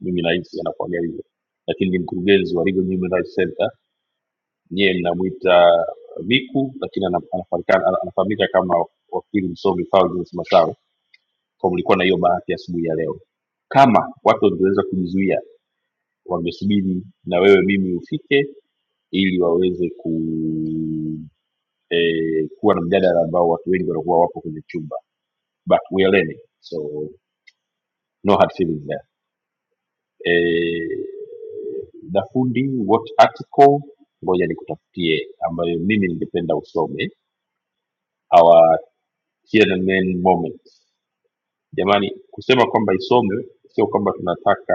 S7: mimi nahisi anakuaga hivyo, lakini ni mkurugenzi wa Legal and Human Rights Center. Nyie mnamwita Miku, lakini ana- anafahamikana- ana- anafahamika kama wakili msomi Fulgence Massawe, kwa mlikuwa na hiyo bahati asubuhi ya ya leo. Kama watu wangeweza kujizuia, wangesubiri na wewe mimi ufike ili waweze ku eh, kuwa na mjadala ambao watu wengi wanakuwa wapo kwenye chumba, but we are learning so No hard feelings there. Eh, the fundi what article ngoja nikutafutie ambayo mimi ningependa usome our here and then moment jamani kusema kwamba isome sio kwamba tunataka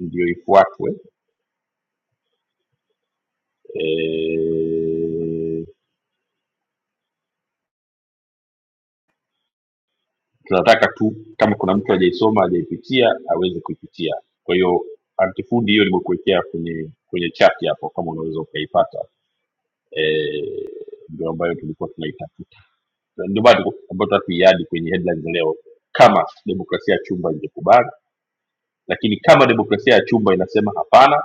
S7: ndio ifuatwe e, tunataka tu kama kuna mtu hajaisoma hajaipitia aweze kuipitia kwa hiyo antifundi hiyo nimekuwekea kwenye kwenye chat hapo kama unaweza ukaipata e, ndio ambayo tulikuwa tunaitafuta Na ndio maana tuko- ambayo tunatuiadi kwenye headlines leo kama demokrasia ya chumba ingekubali lakini kama demokrasia ya chumba inasema hapana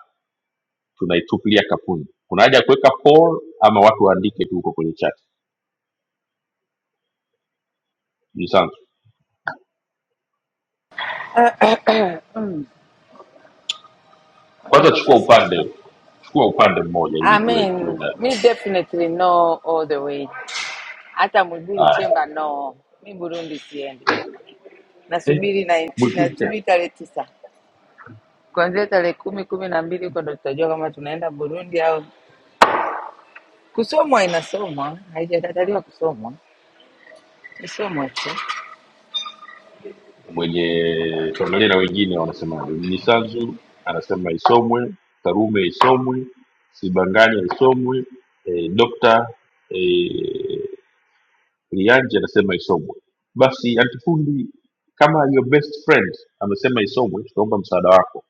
S7: tunaitupilia kapuni kuna haja ya kuweka poll ama watu waandike tu huko kwenye chat Mnyisanzu,
S6: (coughs) (clears throat) Mm, watu
S7: kwanza chukua
S6: wameshasa.
S7: upande chukua upande mmoja ili
S6: I
S7: tuwe tuwe
S6: mean,
S7: na
S6: me definitely no all the way. Hata Mwigulu
S7: haya
S6: Chemba no, mi Burundi siendi,
S7: eh,
S6: nasubiri na
S7: Mwikinta
S6: nasubiri tarehe tisa, kuanzia tarehe kumi kumi na mbili huko ndo tutajua kama tunaenda Burundi au kusomwa. Inasomwa, haijakataliwa kusomwa, isomwe tu.
S7: mwenye tuangalie na wengine wanasema Mnyisanzu anasema isomwe Karume isomwe Sibanganya isomwe eh, Dr. eh, Lianje anasema isomwe. Basi antifundi, kama your best friend amesema isomwe, tunaomba msaada wako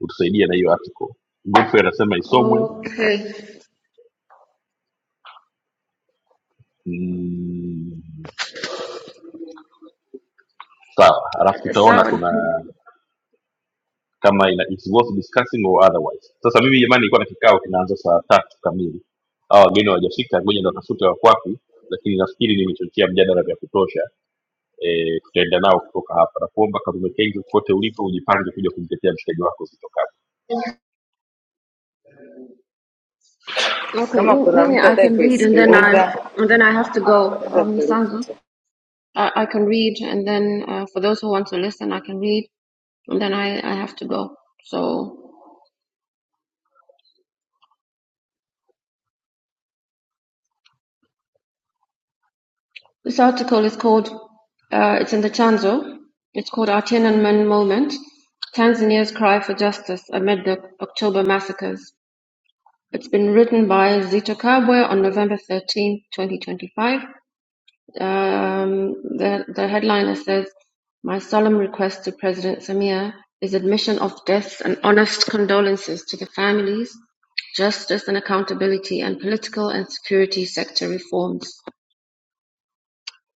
S7: utusaidie na hiyo article. Godfrey anasema isomwe.
S8: Okay,
S7: Mm, sawa, alafu
S8: so
S7: tutaona
S8: okay,
S7: kuna kama ina it's worth discussing or otherwise. Sasa mimi jamani, nilikuwa na kikao kinaanza saa tatu kamili, hawa wageni hawajafika, ngoja ndo watafute wako wapi, lakini nafikiri nimechochea mjadala vya kutosha. E, tutaenda nao kutoka hapa na kuomba Karume Kenge, kote ulipo ujipange kuja kumtetea mshikaji wako Zitto Kabwe.
S6: Kama
S8: Mimi,
S6: kuna
S8: Mimi,
S6: mtu
S8: I
S6: atake
S8: can read, and then I
S6: kuisikiliza,
S8: and then I have to go.
S6: anza
S8: Um, Nisanzu,
S6: kulifuta.
S8: I, I can read, and then uh, for those who want to listen, I can read, and then I, I have to go. So this article is called, uh, it's in the Chanzo. It's called Our Tiananmen Moment: Tanzania's Cry for Justice Amid the October Massacres. It's been written by Zito Kabwe on November thirteenth, 2025 Um, the, the headliner says, My solemn request to President Samir is admission of deaths and honest condolences to the families, justice and accountability, and political and security sector reforms.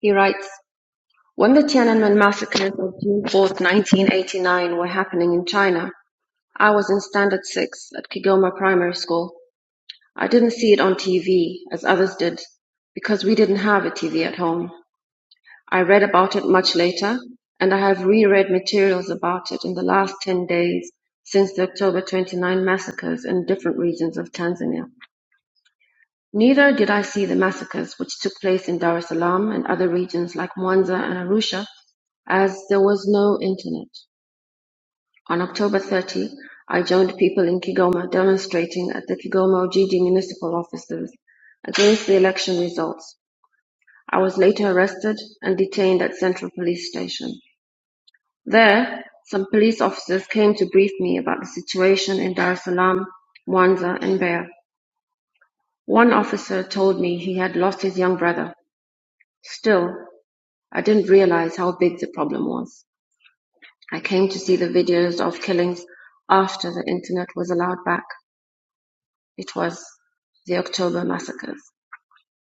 S8: He writes, When the Tiananmen massacres of June 4th, 1989 were happening in China, I was in Standard 6 at Kigoma Primary School. I didn't see it on TV as others did because we didn't have a TV at home. I read about it much later, and I have reread materials about it in the last 10 days since the October 29 massacres in different regions of Tanzania. Neither did I see the massacres which took place in Dar es Salaam and other regions like Mwanza and Arusha, as there was no internet. On October 30, I joined people in Kigoma demonstrating at the Kigoma Ojiji municipal offices against the election results. I was later arrested and detained at Central Police Station. There, some police officers came to brief me about the situation in Dar es Salaam, Mwanza, and Beira. One officer told me he had lost his young brother. Still, I didn't realize how big the problem was. I came to see the videos of killings after the internet was allowed back. It was the October massacres.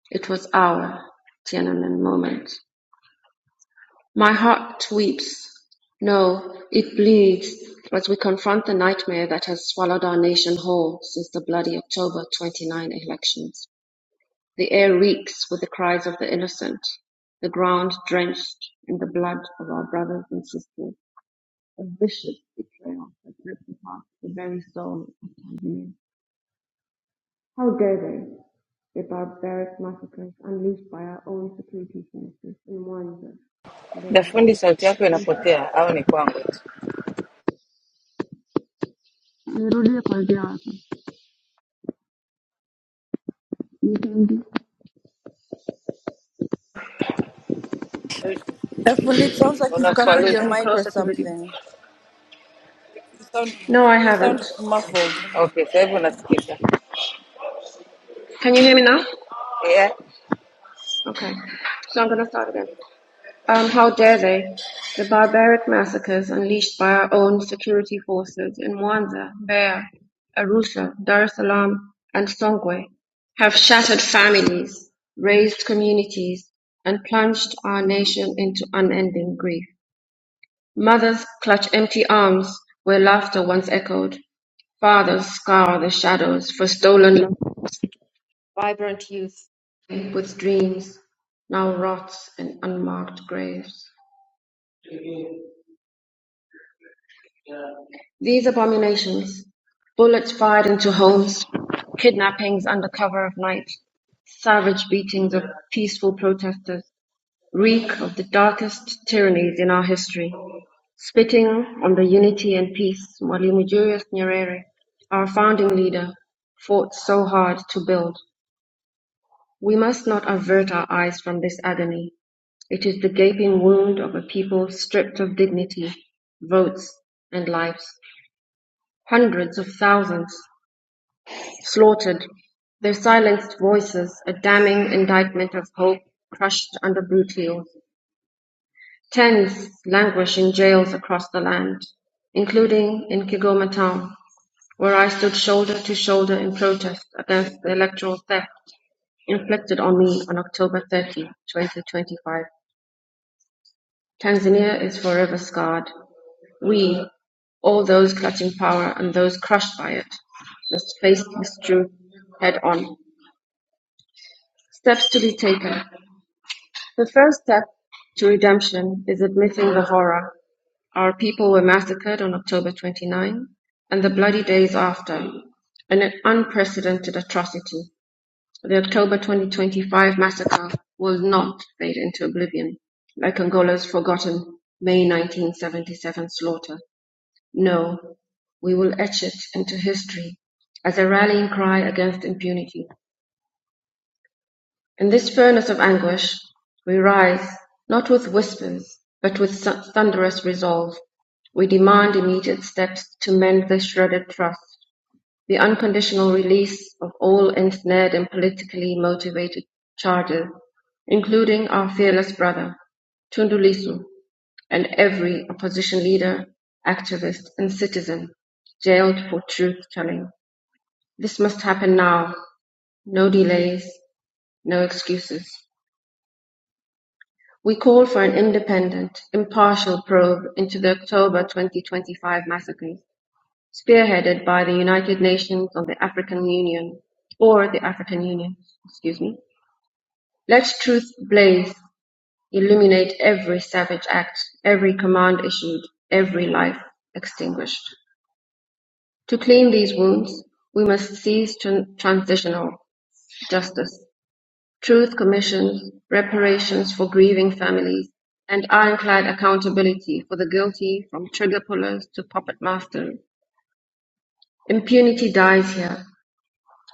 S8: It was our Tiananmen moment. My heart weeps, no, it bleeds, as we confront the nightmare that has swallowed our nation whole since the bloody October 29 elections. The air reeks with the cries of the innocent, the ground drenched in the blood of our brothers and sisters. A vicious betrayal that rips apart the very soul of Tanzania. How dare they, the barbaric massacres unleashed by our own security forces in Mwanza, Mbeya,
S6: Dafundi, sauti yako
S8: Arusha.
S6: inapotea au ni kwangu tu?
S8: Nimerudia kuanzia
S9: Efundi, it sounds like you've
S8: I can't
S9: covered
S8: get
S9: your
S8: any
S6: Unakwaluza.
S9: mic or
S8: closer to the view.
S9: something. You sound,
S8: No, I
S9: you sound
S8: haven't.
S9: muffled.
S6: Okay, sasa hivi unasikika.
S8: Can you hear me now?
S6: Yeah.
S8: Okay. So I'm gonna start again. Um, how dare they? The barbaric massacres unleashed by our own security forces in Mwanza, Beira, Arusha, Dar es Salaam, and Songwe have shattered families, razed communities, and plunged our nation into unending grief. Mothers clutch empty arms where laughter once echoed. Fathers scour the shadows for stolen love Vibrant youth with dreams now rots in unmarked graves. These abominations, bullets fired into homes, kidnappings under cover of night, savage beatings of peaceful protesters, reek of the darkest tyrannies in our history. Spitting on the unity and peace Mwalimu Julius Nyerere, our founding leader, fought so hard to build. We must not avert our eyes from this agony It is the gaping wound of a people stripped of dignity, votes, and lives. Hundreds of thousands slaughtered, their silenced voices a damning indictment of hope crushed under brutal. Tens languish in jails across the land, including in Kigoma town, where I stood shoulder to shoulder in protest against the electoral theft inflicted on me on October 30, 2025. Tanzania is forever scarred. We, all those clutching power and those crushed by it, must face this truth head on. Steps to be taken. The first step to redemption is admitting the horror. Our people were massacred on October 29 and the bloody days after, an unprecedented atrocity. The October 2025 massacre will not fade into oblivion like Angola's forgotten May 1977 slaughter. No, we will etch it into history as a rallying cry against impunity. In this furnace of anguish, we rise, not with whispers, but with thunderous resolve. We demand immediate steps to mend the shredded trust, the unconditional release of all ensnared and politically motivated charges, including our fearless brother, Tundulisu, and every opposition leader, activist, and citizen jailed for truth-telling. This must happen now. No delays, no excuses. We call for an independent, impartial probe into the October 2025 massacres, spearheaded by the United Nations or the African Union, or the African Union, excuse me. Let truth blaze, illuminate every savage act, every command issued, every life extinguished. To clean these wounds, we must seize tran- transitional justice, truth commissions, reparations for grieving families, and ironclad accountability for the guilty from trigger pullers to puppet masters. Impunity dies here,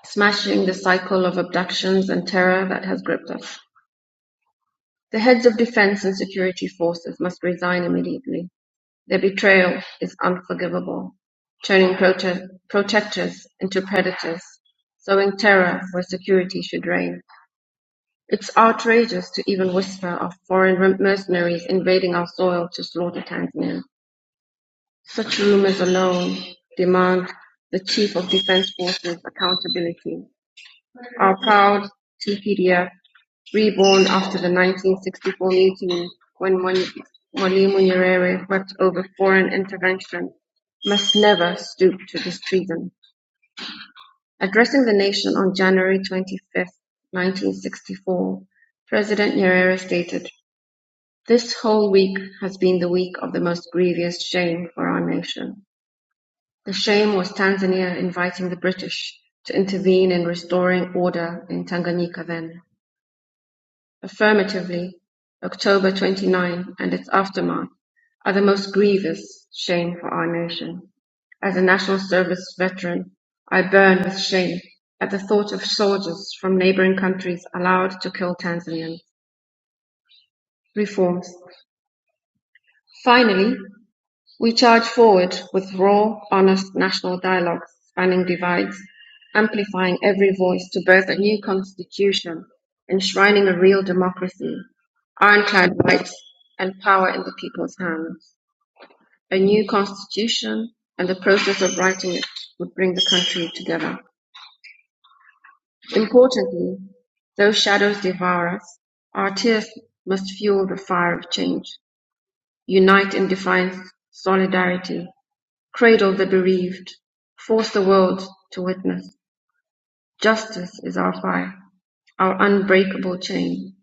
S8: smashing the cycle of abductions and terror that has gripped us. The heads of defense and security forces must resign immediately. Their betrayal is unforgivable, turning prote- protectors into predators, sowing terror where security should reign. It's outrageous to even whisper of foreign rem- mercenaries invading our soil to slaughter Tanzania. Such rumors alone demand the Chief of Defense Forces accountability. Our proud TPDF Reborn after the nineteen sixty-four mutiny when Mwalimu Nyerere wept over foreign intervention, must never stoop to this treason. Addressing the nation on January 25, 1964, President Nyerere stated, This whole week has been the week of the most grievous shame for our nation. The shame was Tanzania inviting the British to intervene in restoring order in Tanganyika then. Affirmatively, October twenty-nine and its aftermath are the most grievous shame for our nation. As a national service veteran, I burn with shame at the thought of soldiers from neighboring countries allowed to kill Tanzanians. Reforms. Finally, We charge forward with raw, honest national dialogues spanning divides, amplifying every voice to birth a new constitution, enshrining a real democracy, ironclad rights, and power in the people's hands. A new constitution and the process of writing it would bring the country together. Importantly, though shadows devour us, our tears must fuel the fire of change, unite in defiance, solidarity, Cradle the bereaved, force the world to witness Justice is our fire, our unbreakable chain.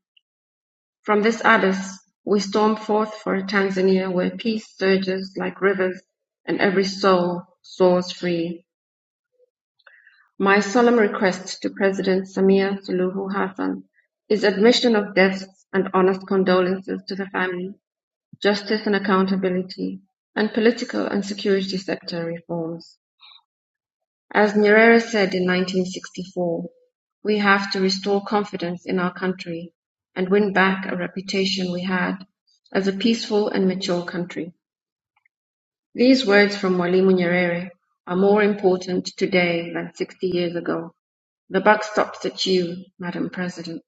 S8: From this abyss, we storm forth for a Tanzania where peace surges like rivers and every soul soars free. My solemn request to President Samia Suluhu Hassan is admission of deaths and honest condolences to the family, justice and accountability, and political and security sector reforms. As Nyerere said in nineteen-sixty-four, we have to restore confidence in our country and win back a reputation we had as a peaceful and mature country. These words from Mwalimu Nyerere are more important today than 60 years ago. The buck stops at you, Madam President.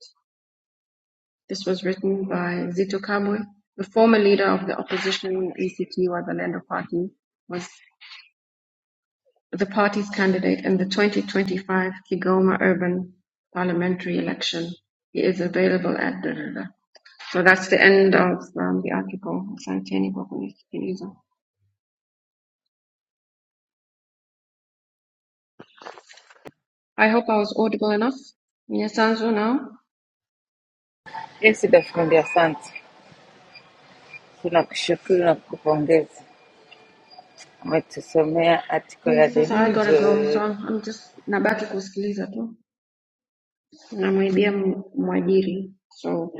S8: This was written by Zito Kabwe, the former leader of the opposition ACT Wazalendo Party, was. the party's candidate in the twenty twenty-five Kigoma urban parliamentary election. He is available at the da So that's the end of um, the article. I hope I was audible enough. Nyesanzu now.
S6: Isida fundi, asante, tunakushukuru na kukupongeza. Umetusomea article ya
S8: Ni
S6: The
S8: Sasa I
S6: News
S8: gotta go, so I'm, I'm just nabaki kusikiliza tu. Namwibia m- mwajiri. So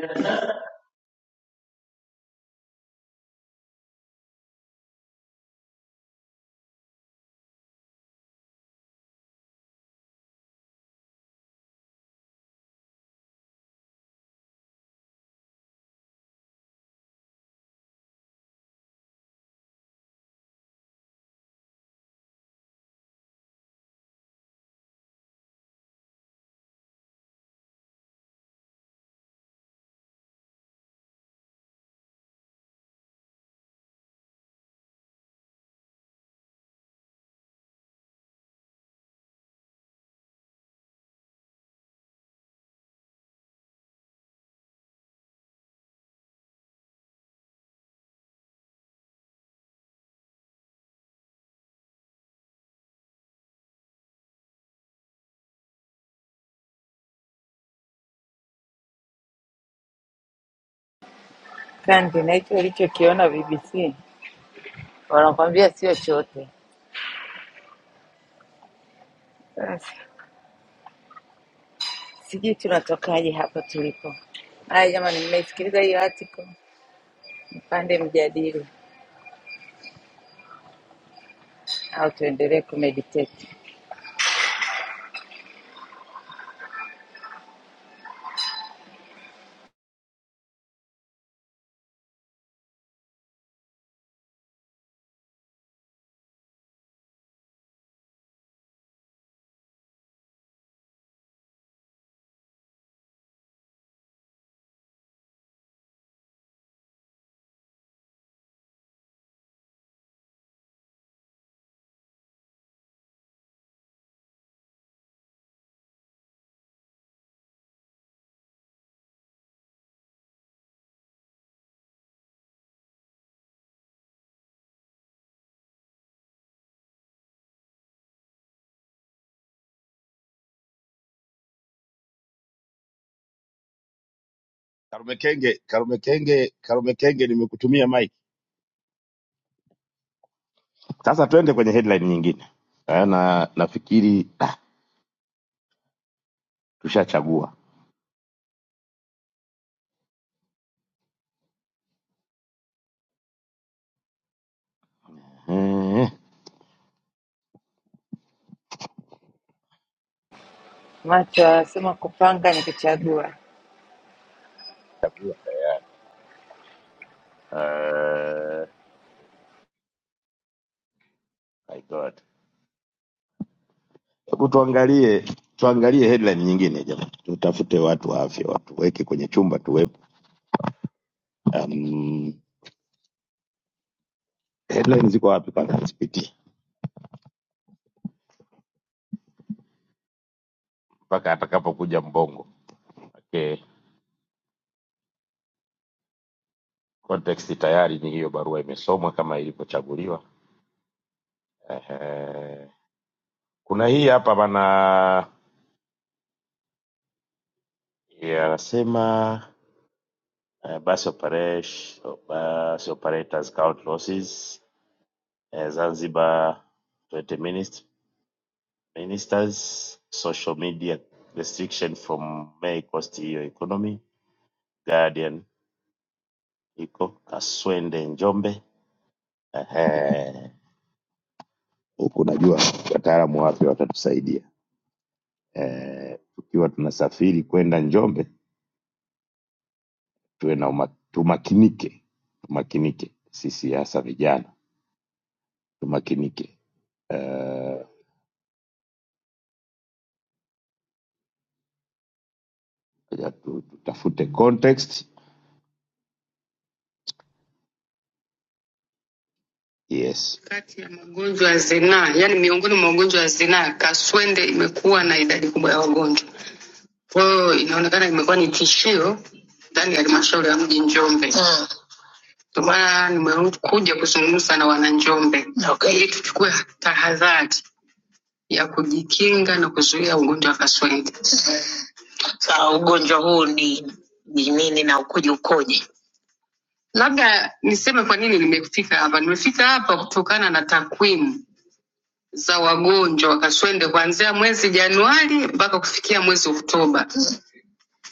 S6: kandi na hicho ulichokiona BBC wanakwambia sio chote. Sasa sijui tunatokaje hapa tulipo. Haya jamani, mmeisikiliza hiyo article, mpande mjadili au tuendelee kumeditate.
S1: Karume Kenge, Karume Kenge, Karume Kenge, nimekutumia mic. Sasa twende kwenye headline nyingine Eh, na nafikiri ah, tushachagua Eh,
S6: Macho anasema kupanga ni kuchagua.
S1: chagua tayari. Eh, my God. Hebu tuangalie tuangalie headline nyingine jamani, tutafute watu wa afya watuweke kwenye chumba tuwepo. Um, headline ziko wapi kwanza? Zipitie mpaka atakapokuja mbongo. Okay. Context tayari ni hiyo, barua imesomwa kama ilivyochaguliwa. Ehe, kuna hii hapa bana, ya- anasema eh, bus operation, bus operators count losses eh, Zanzibar 20 minist- ministers social media restriction from May cost hiyo economy Guardian iko Kaswende Njombe. Ehe, huku najua wataalamu wapya watatusaidia eh, tukiwa tunasafiri kwenda Njombe tuwe na uma, tumakinike tumakinike sisi hasa vijana tumakinike eh, ya tu- tutafute context yes kati ya magonjwa ya zinaa, yani miongoni mwa magonjwa ya zinaa, kaswende imekuwa na idadi kubwa ya wagonjwa. Kwa hiyo inaonekana imekuwa ni tishio ndani ya halmashauri ya mji Njombe. Mm. Ndio maana nimekuja kuzungumza na wananjombe okay, ili tuchukue tahadhari. ya kujikinga na kuzuia ugonjwa wa kaswende. Sawa, ugonjwa huu ni, ni nini na ukoje ukoje? Labda niseme kwa nini nimefika hapa. Nimefika hapa kutokana na takwimu za wagonjwa wa kaswende kuanzia mwezi Januari mpaka kufikia mwezi Oktoba.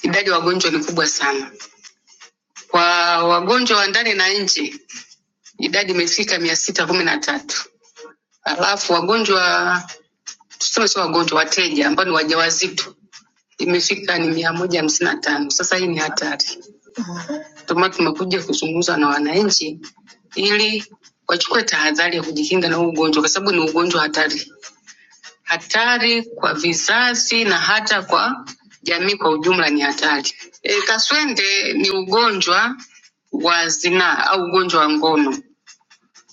S1: Idadi ya wagonjwa ni kubwa sana. Kwa wagonjwa wa ndani na nje, idadi imefika mia sita kumi na tatu. Alafu wagonjwa tuseme sio wagonjwa, wateja ambao ni wajawazito imefika ni mia moja hamsini na tano. Sasa hii ni hatari, ndio maana tumekuja kuzungumza na wananchi ili wachukue tahadhari ya kujikinga na huu ugonjwa, kwa sababu ni ugonjwa hatari, hatari kwa vizazi na hata kwa jamii kwa ujumla ni hatari. E, kaswende ni ugonjwa wa zinaa au ugonjwa wa ngono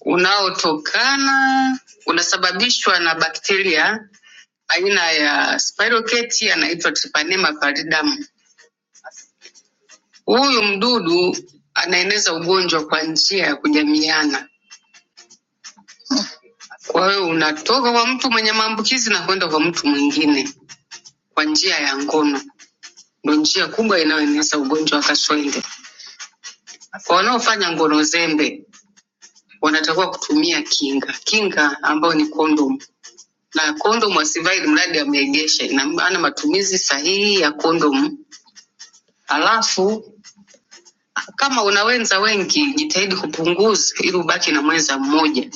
S1: unaotokana unasababishwa na bakteria aina ya spirochete anaitwa Treponema pallidum. Huyu mdudu anaeneza ugonjwa kwa njia ya kujamiana. Kwa hiyo unatoka kwa mtu mwenye maambukizi na kwenda kwa mtu mwingine kwa njia ya ngono, ndo njia kubwa inayoeneza ugonjwa wa kaswende. Kwa wanaofanya ngono zembe, wanatakiwa kutumia kinga, kinga ambayo ni kondomu na kondomu asivai ili mradi ameegesha. Ina maana matumizi sahihi ya kondomu. Halafu kama una wenza wengi, jitahidi kupunguza ili ubaki na mwenza mmoja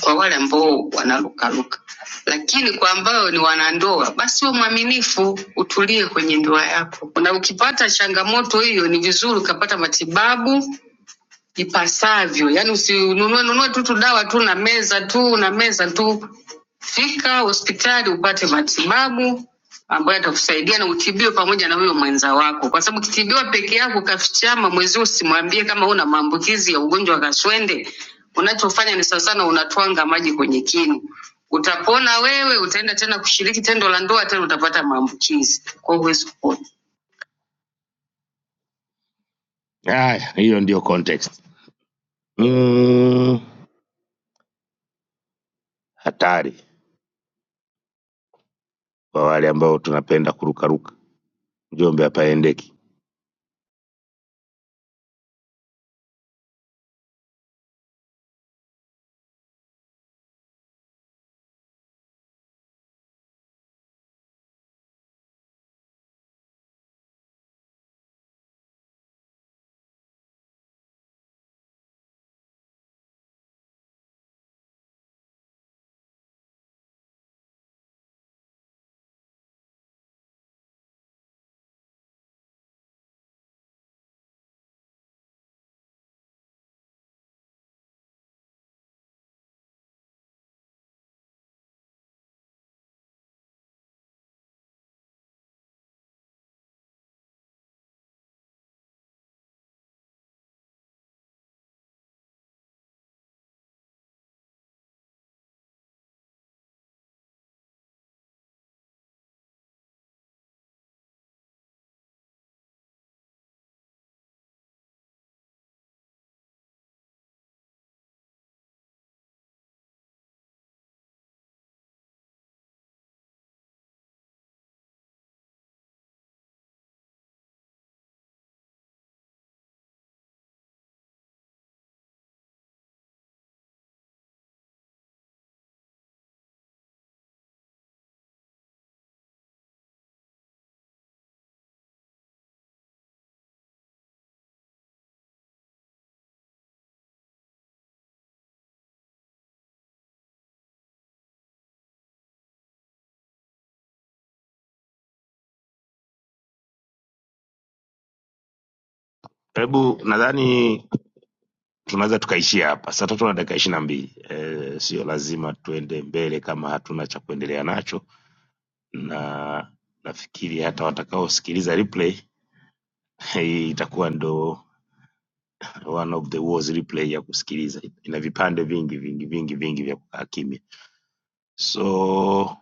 S1: kwa wale ambao wanarukaruka, lakini kwa ambao ni wanandoa, basi wewe mwaminifu, utulie kwenye ndoa yako, na ukipata changamoto hiyo, ni vizuri ukapata matibabu ipasavyo, yaani usinunue nunue tu tu dawa tu na meza tu na meza tu Fika hospitali upate matibabu ambayo atakusaidia na utibiwe pamoja na huyo mwenza wako, kwa sababu ukitibiwa peke yako ukafichama, mwenzio usimwambie kama una maambukizi ya ugonjwa wa kaswende, unachofanya ni sawa sana unatwanga maji kwenye kinu. Utapona wewe, utaenda tena kushiriki tendo la ndoa, tena utapata maambukizi, kwa hiyo huwezi kupona. Haya, hiyo ndio context. Mm, hatari kwa wale ambao tunapenda kurukaruka. Njombe hapaendeki. Hebu nadhani tunaweza tukaishia hapa saa tatu na dakika ishiri na mbili e, sio lazima tuende mbele kama hatuna cha kuendelea nacho na nafikiri hata watakaosikiliza replay (laughs) hii itakuwa ndo one of the worst replay ya kusikiliza ina vipande vingi vingi vingi vingi vya kukaa kimya so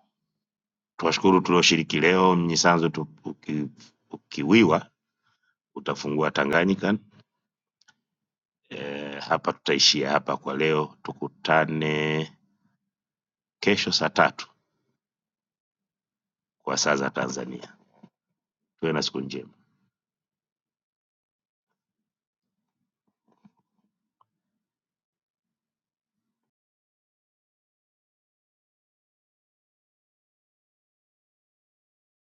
S1: tuwashukuru tulioshiriki leo mnyisanzo tu, uki, ukiwiwa utafungua tanganyika e, hapa tutaishia hapa kwa leo tukutane kesho saa tatu kwa saa za tanzania to yana cikin jami'a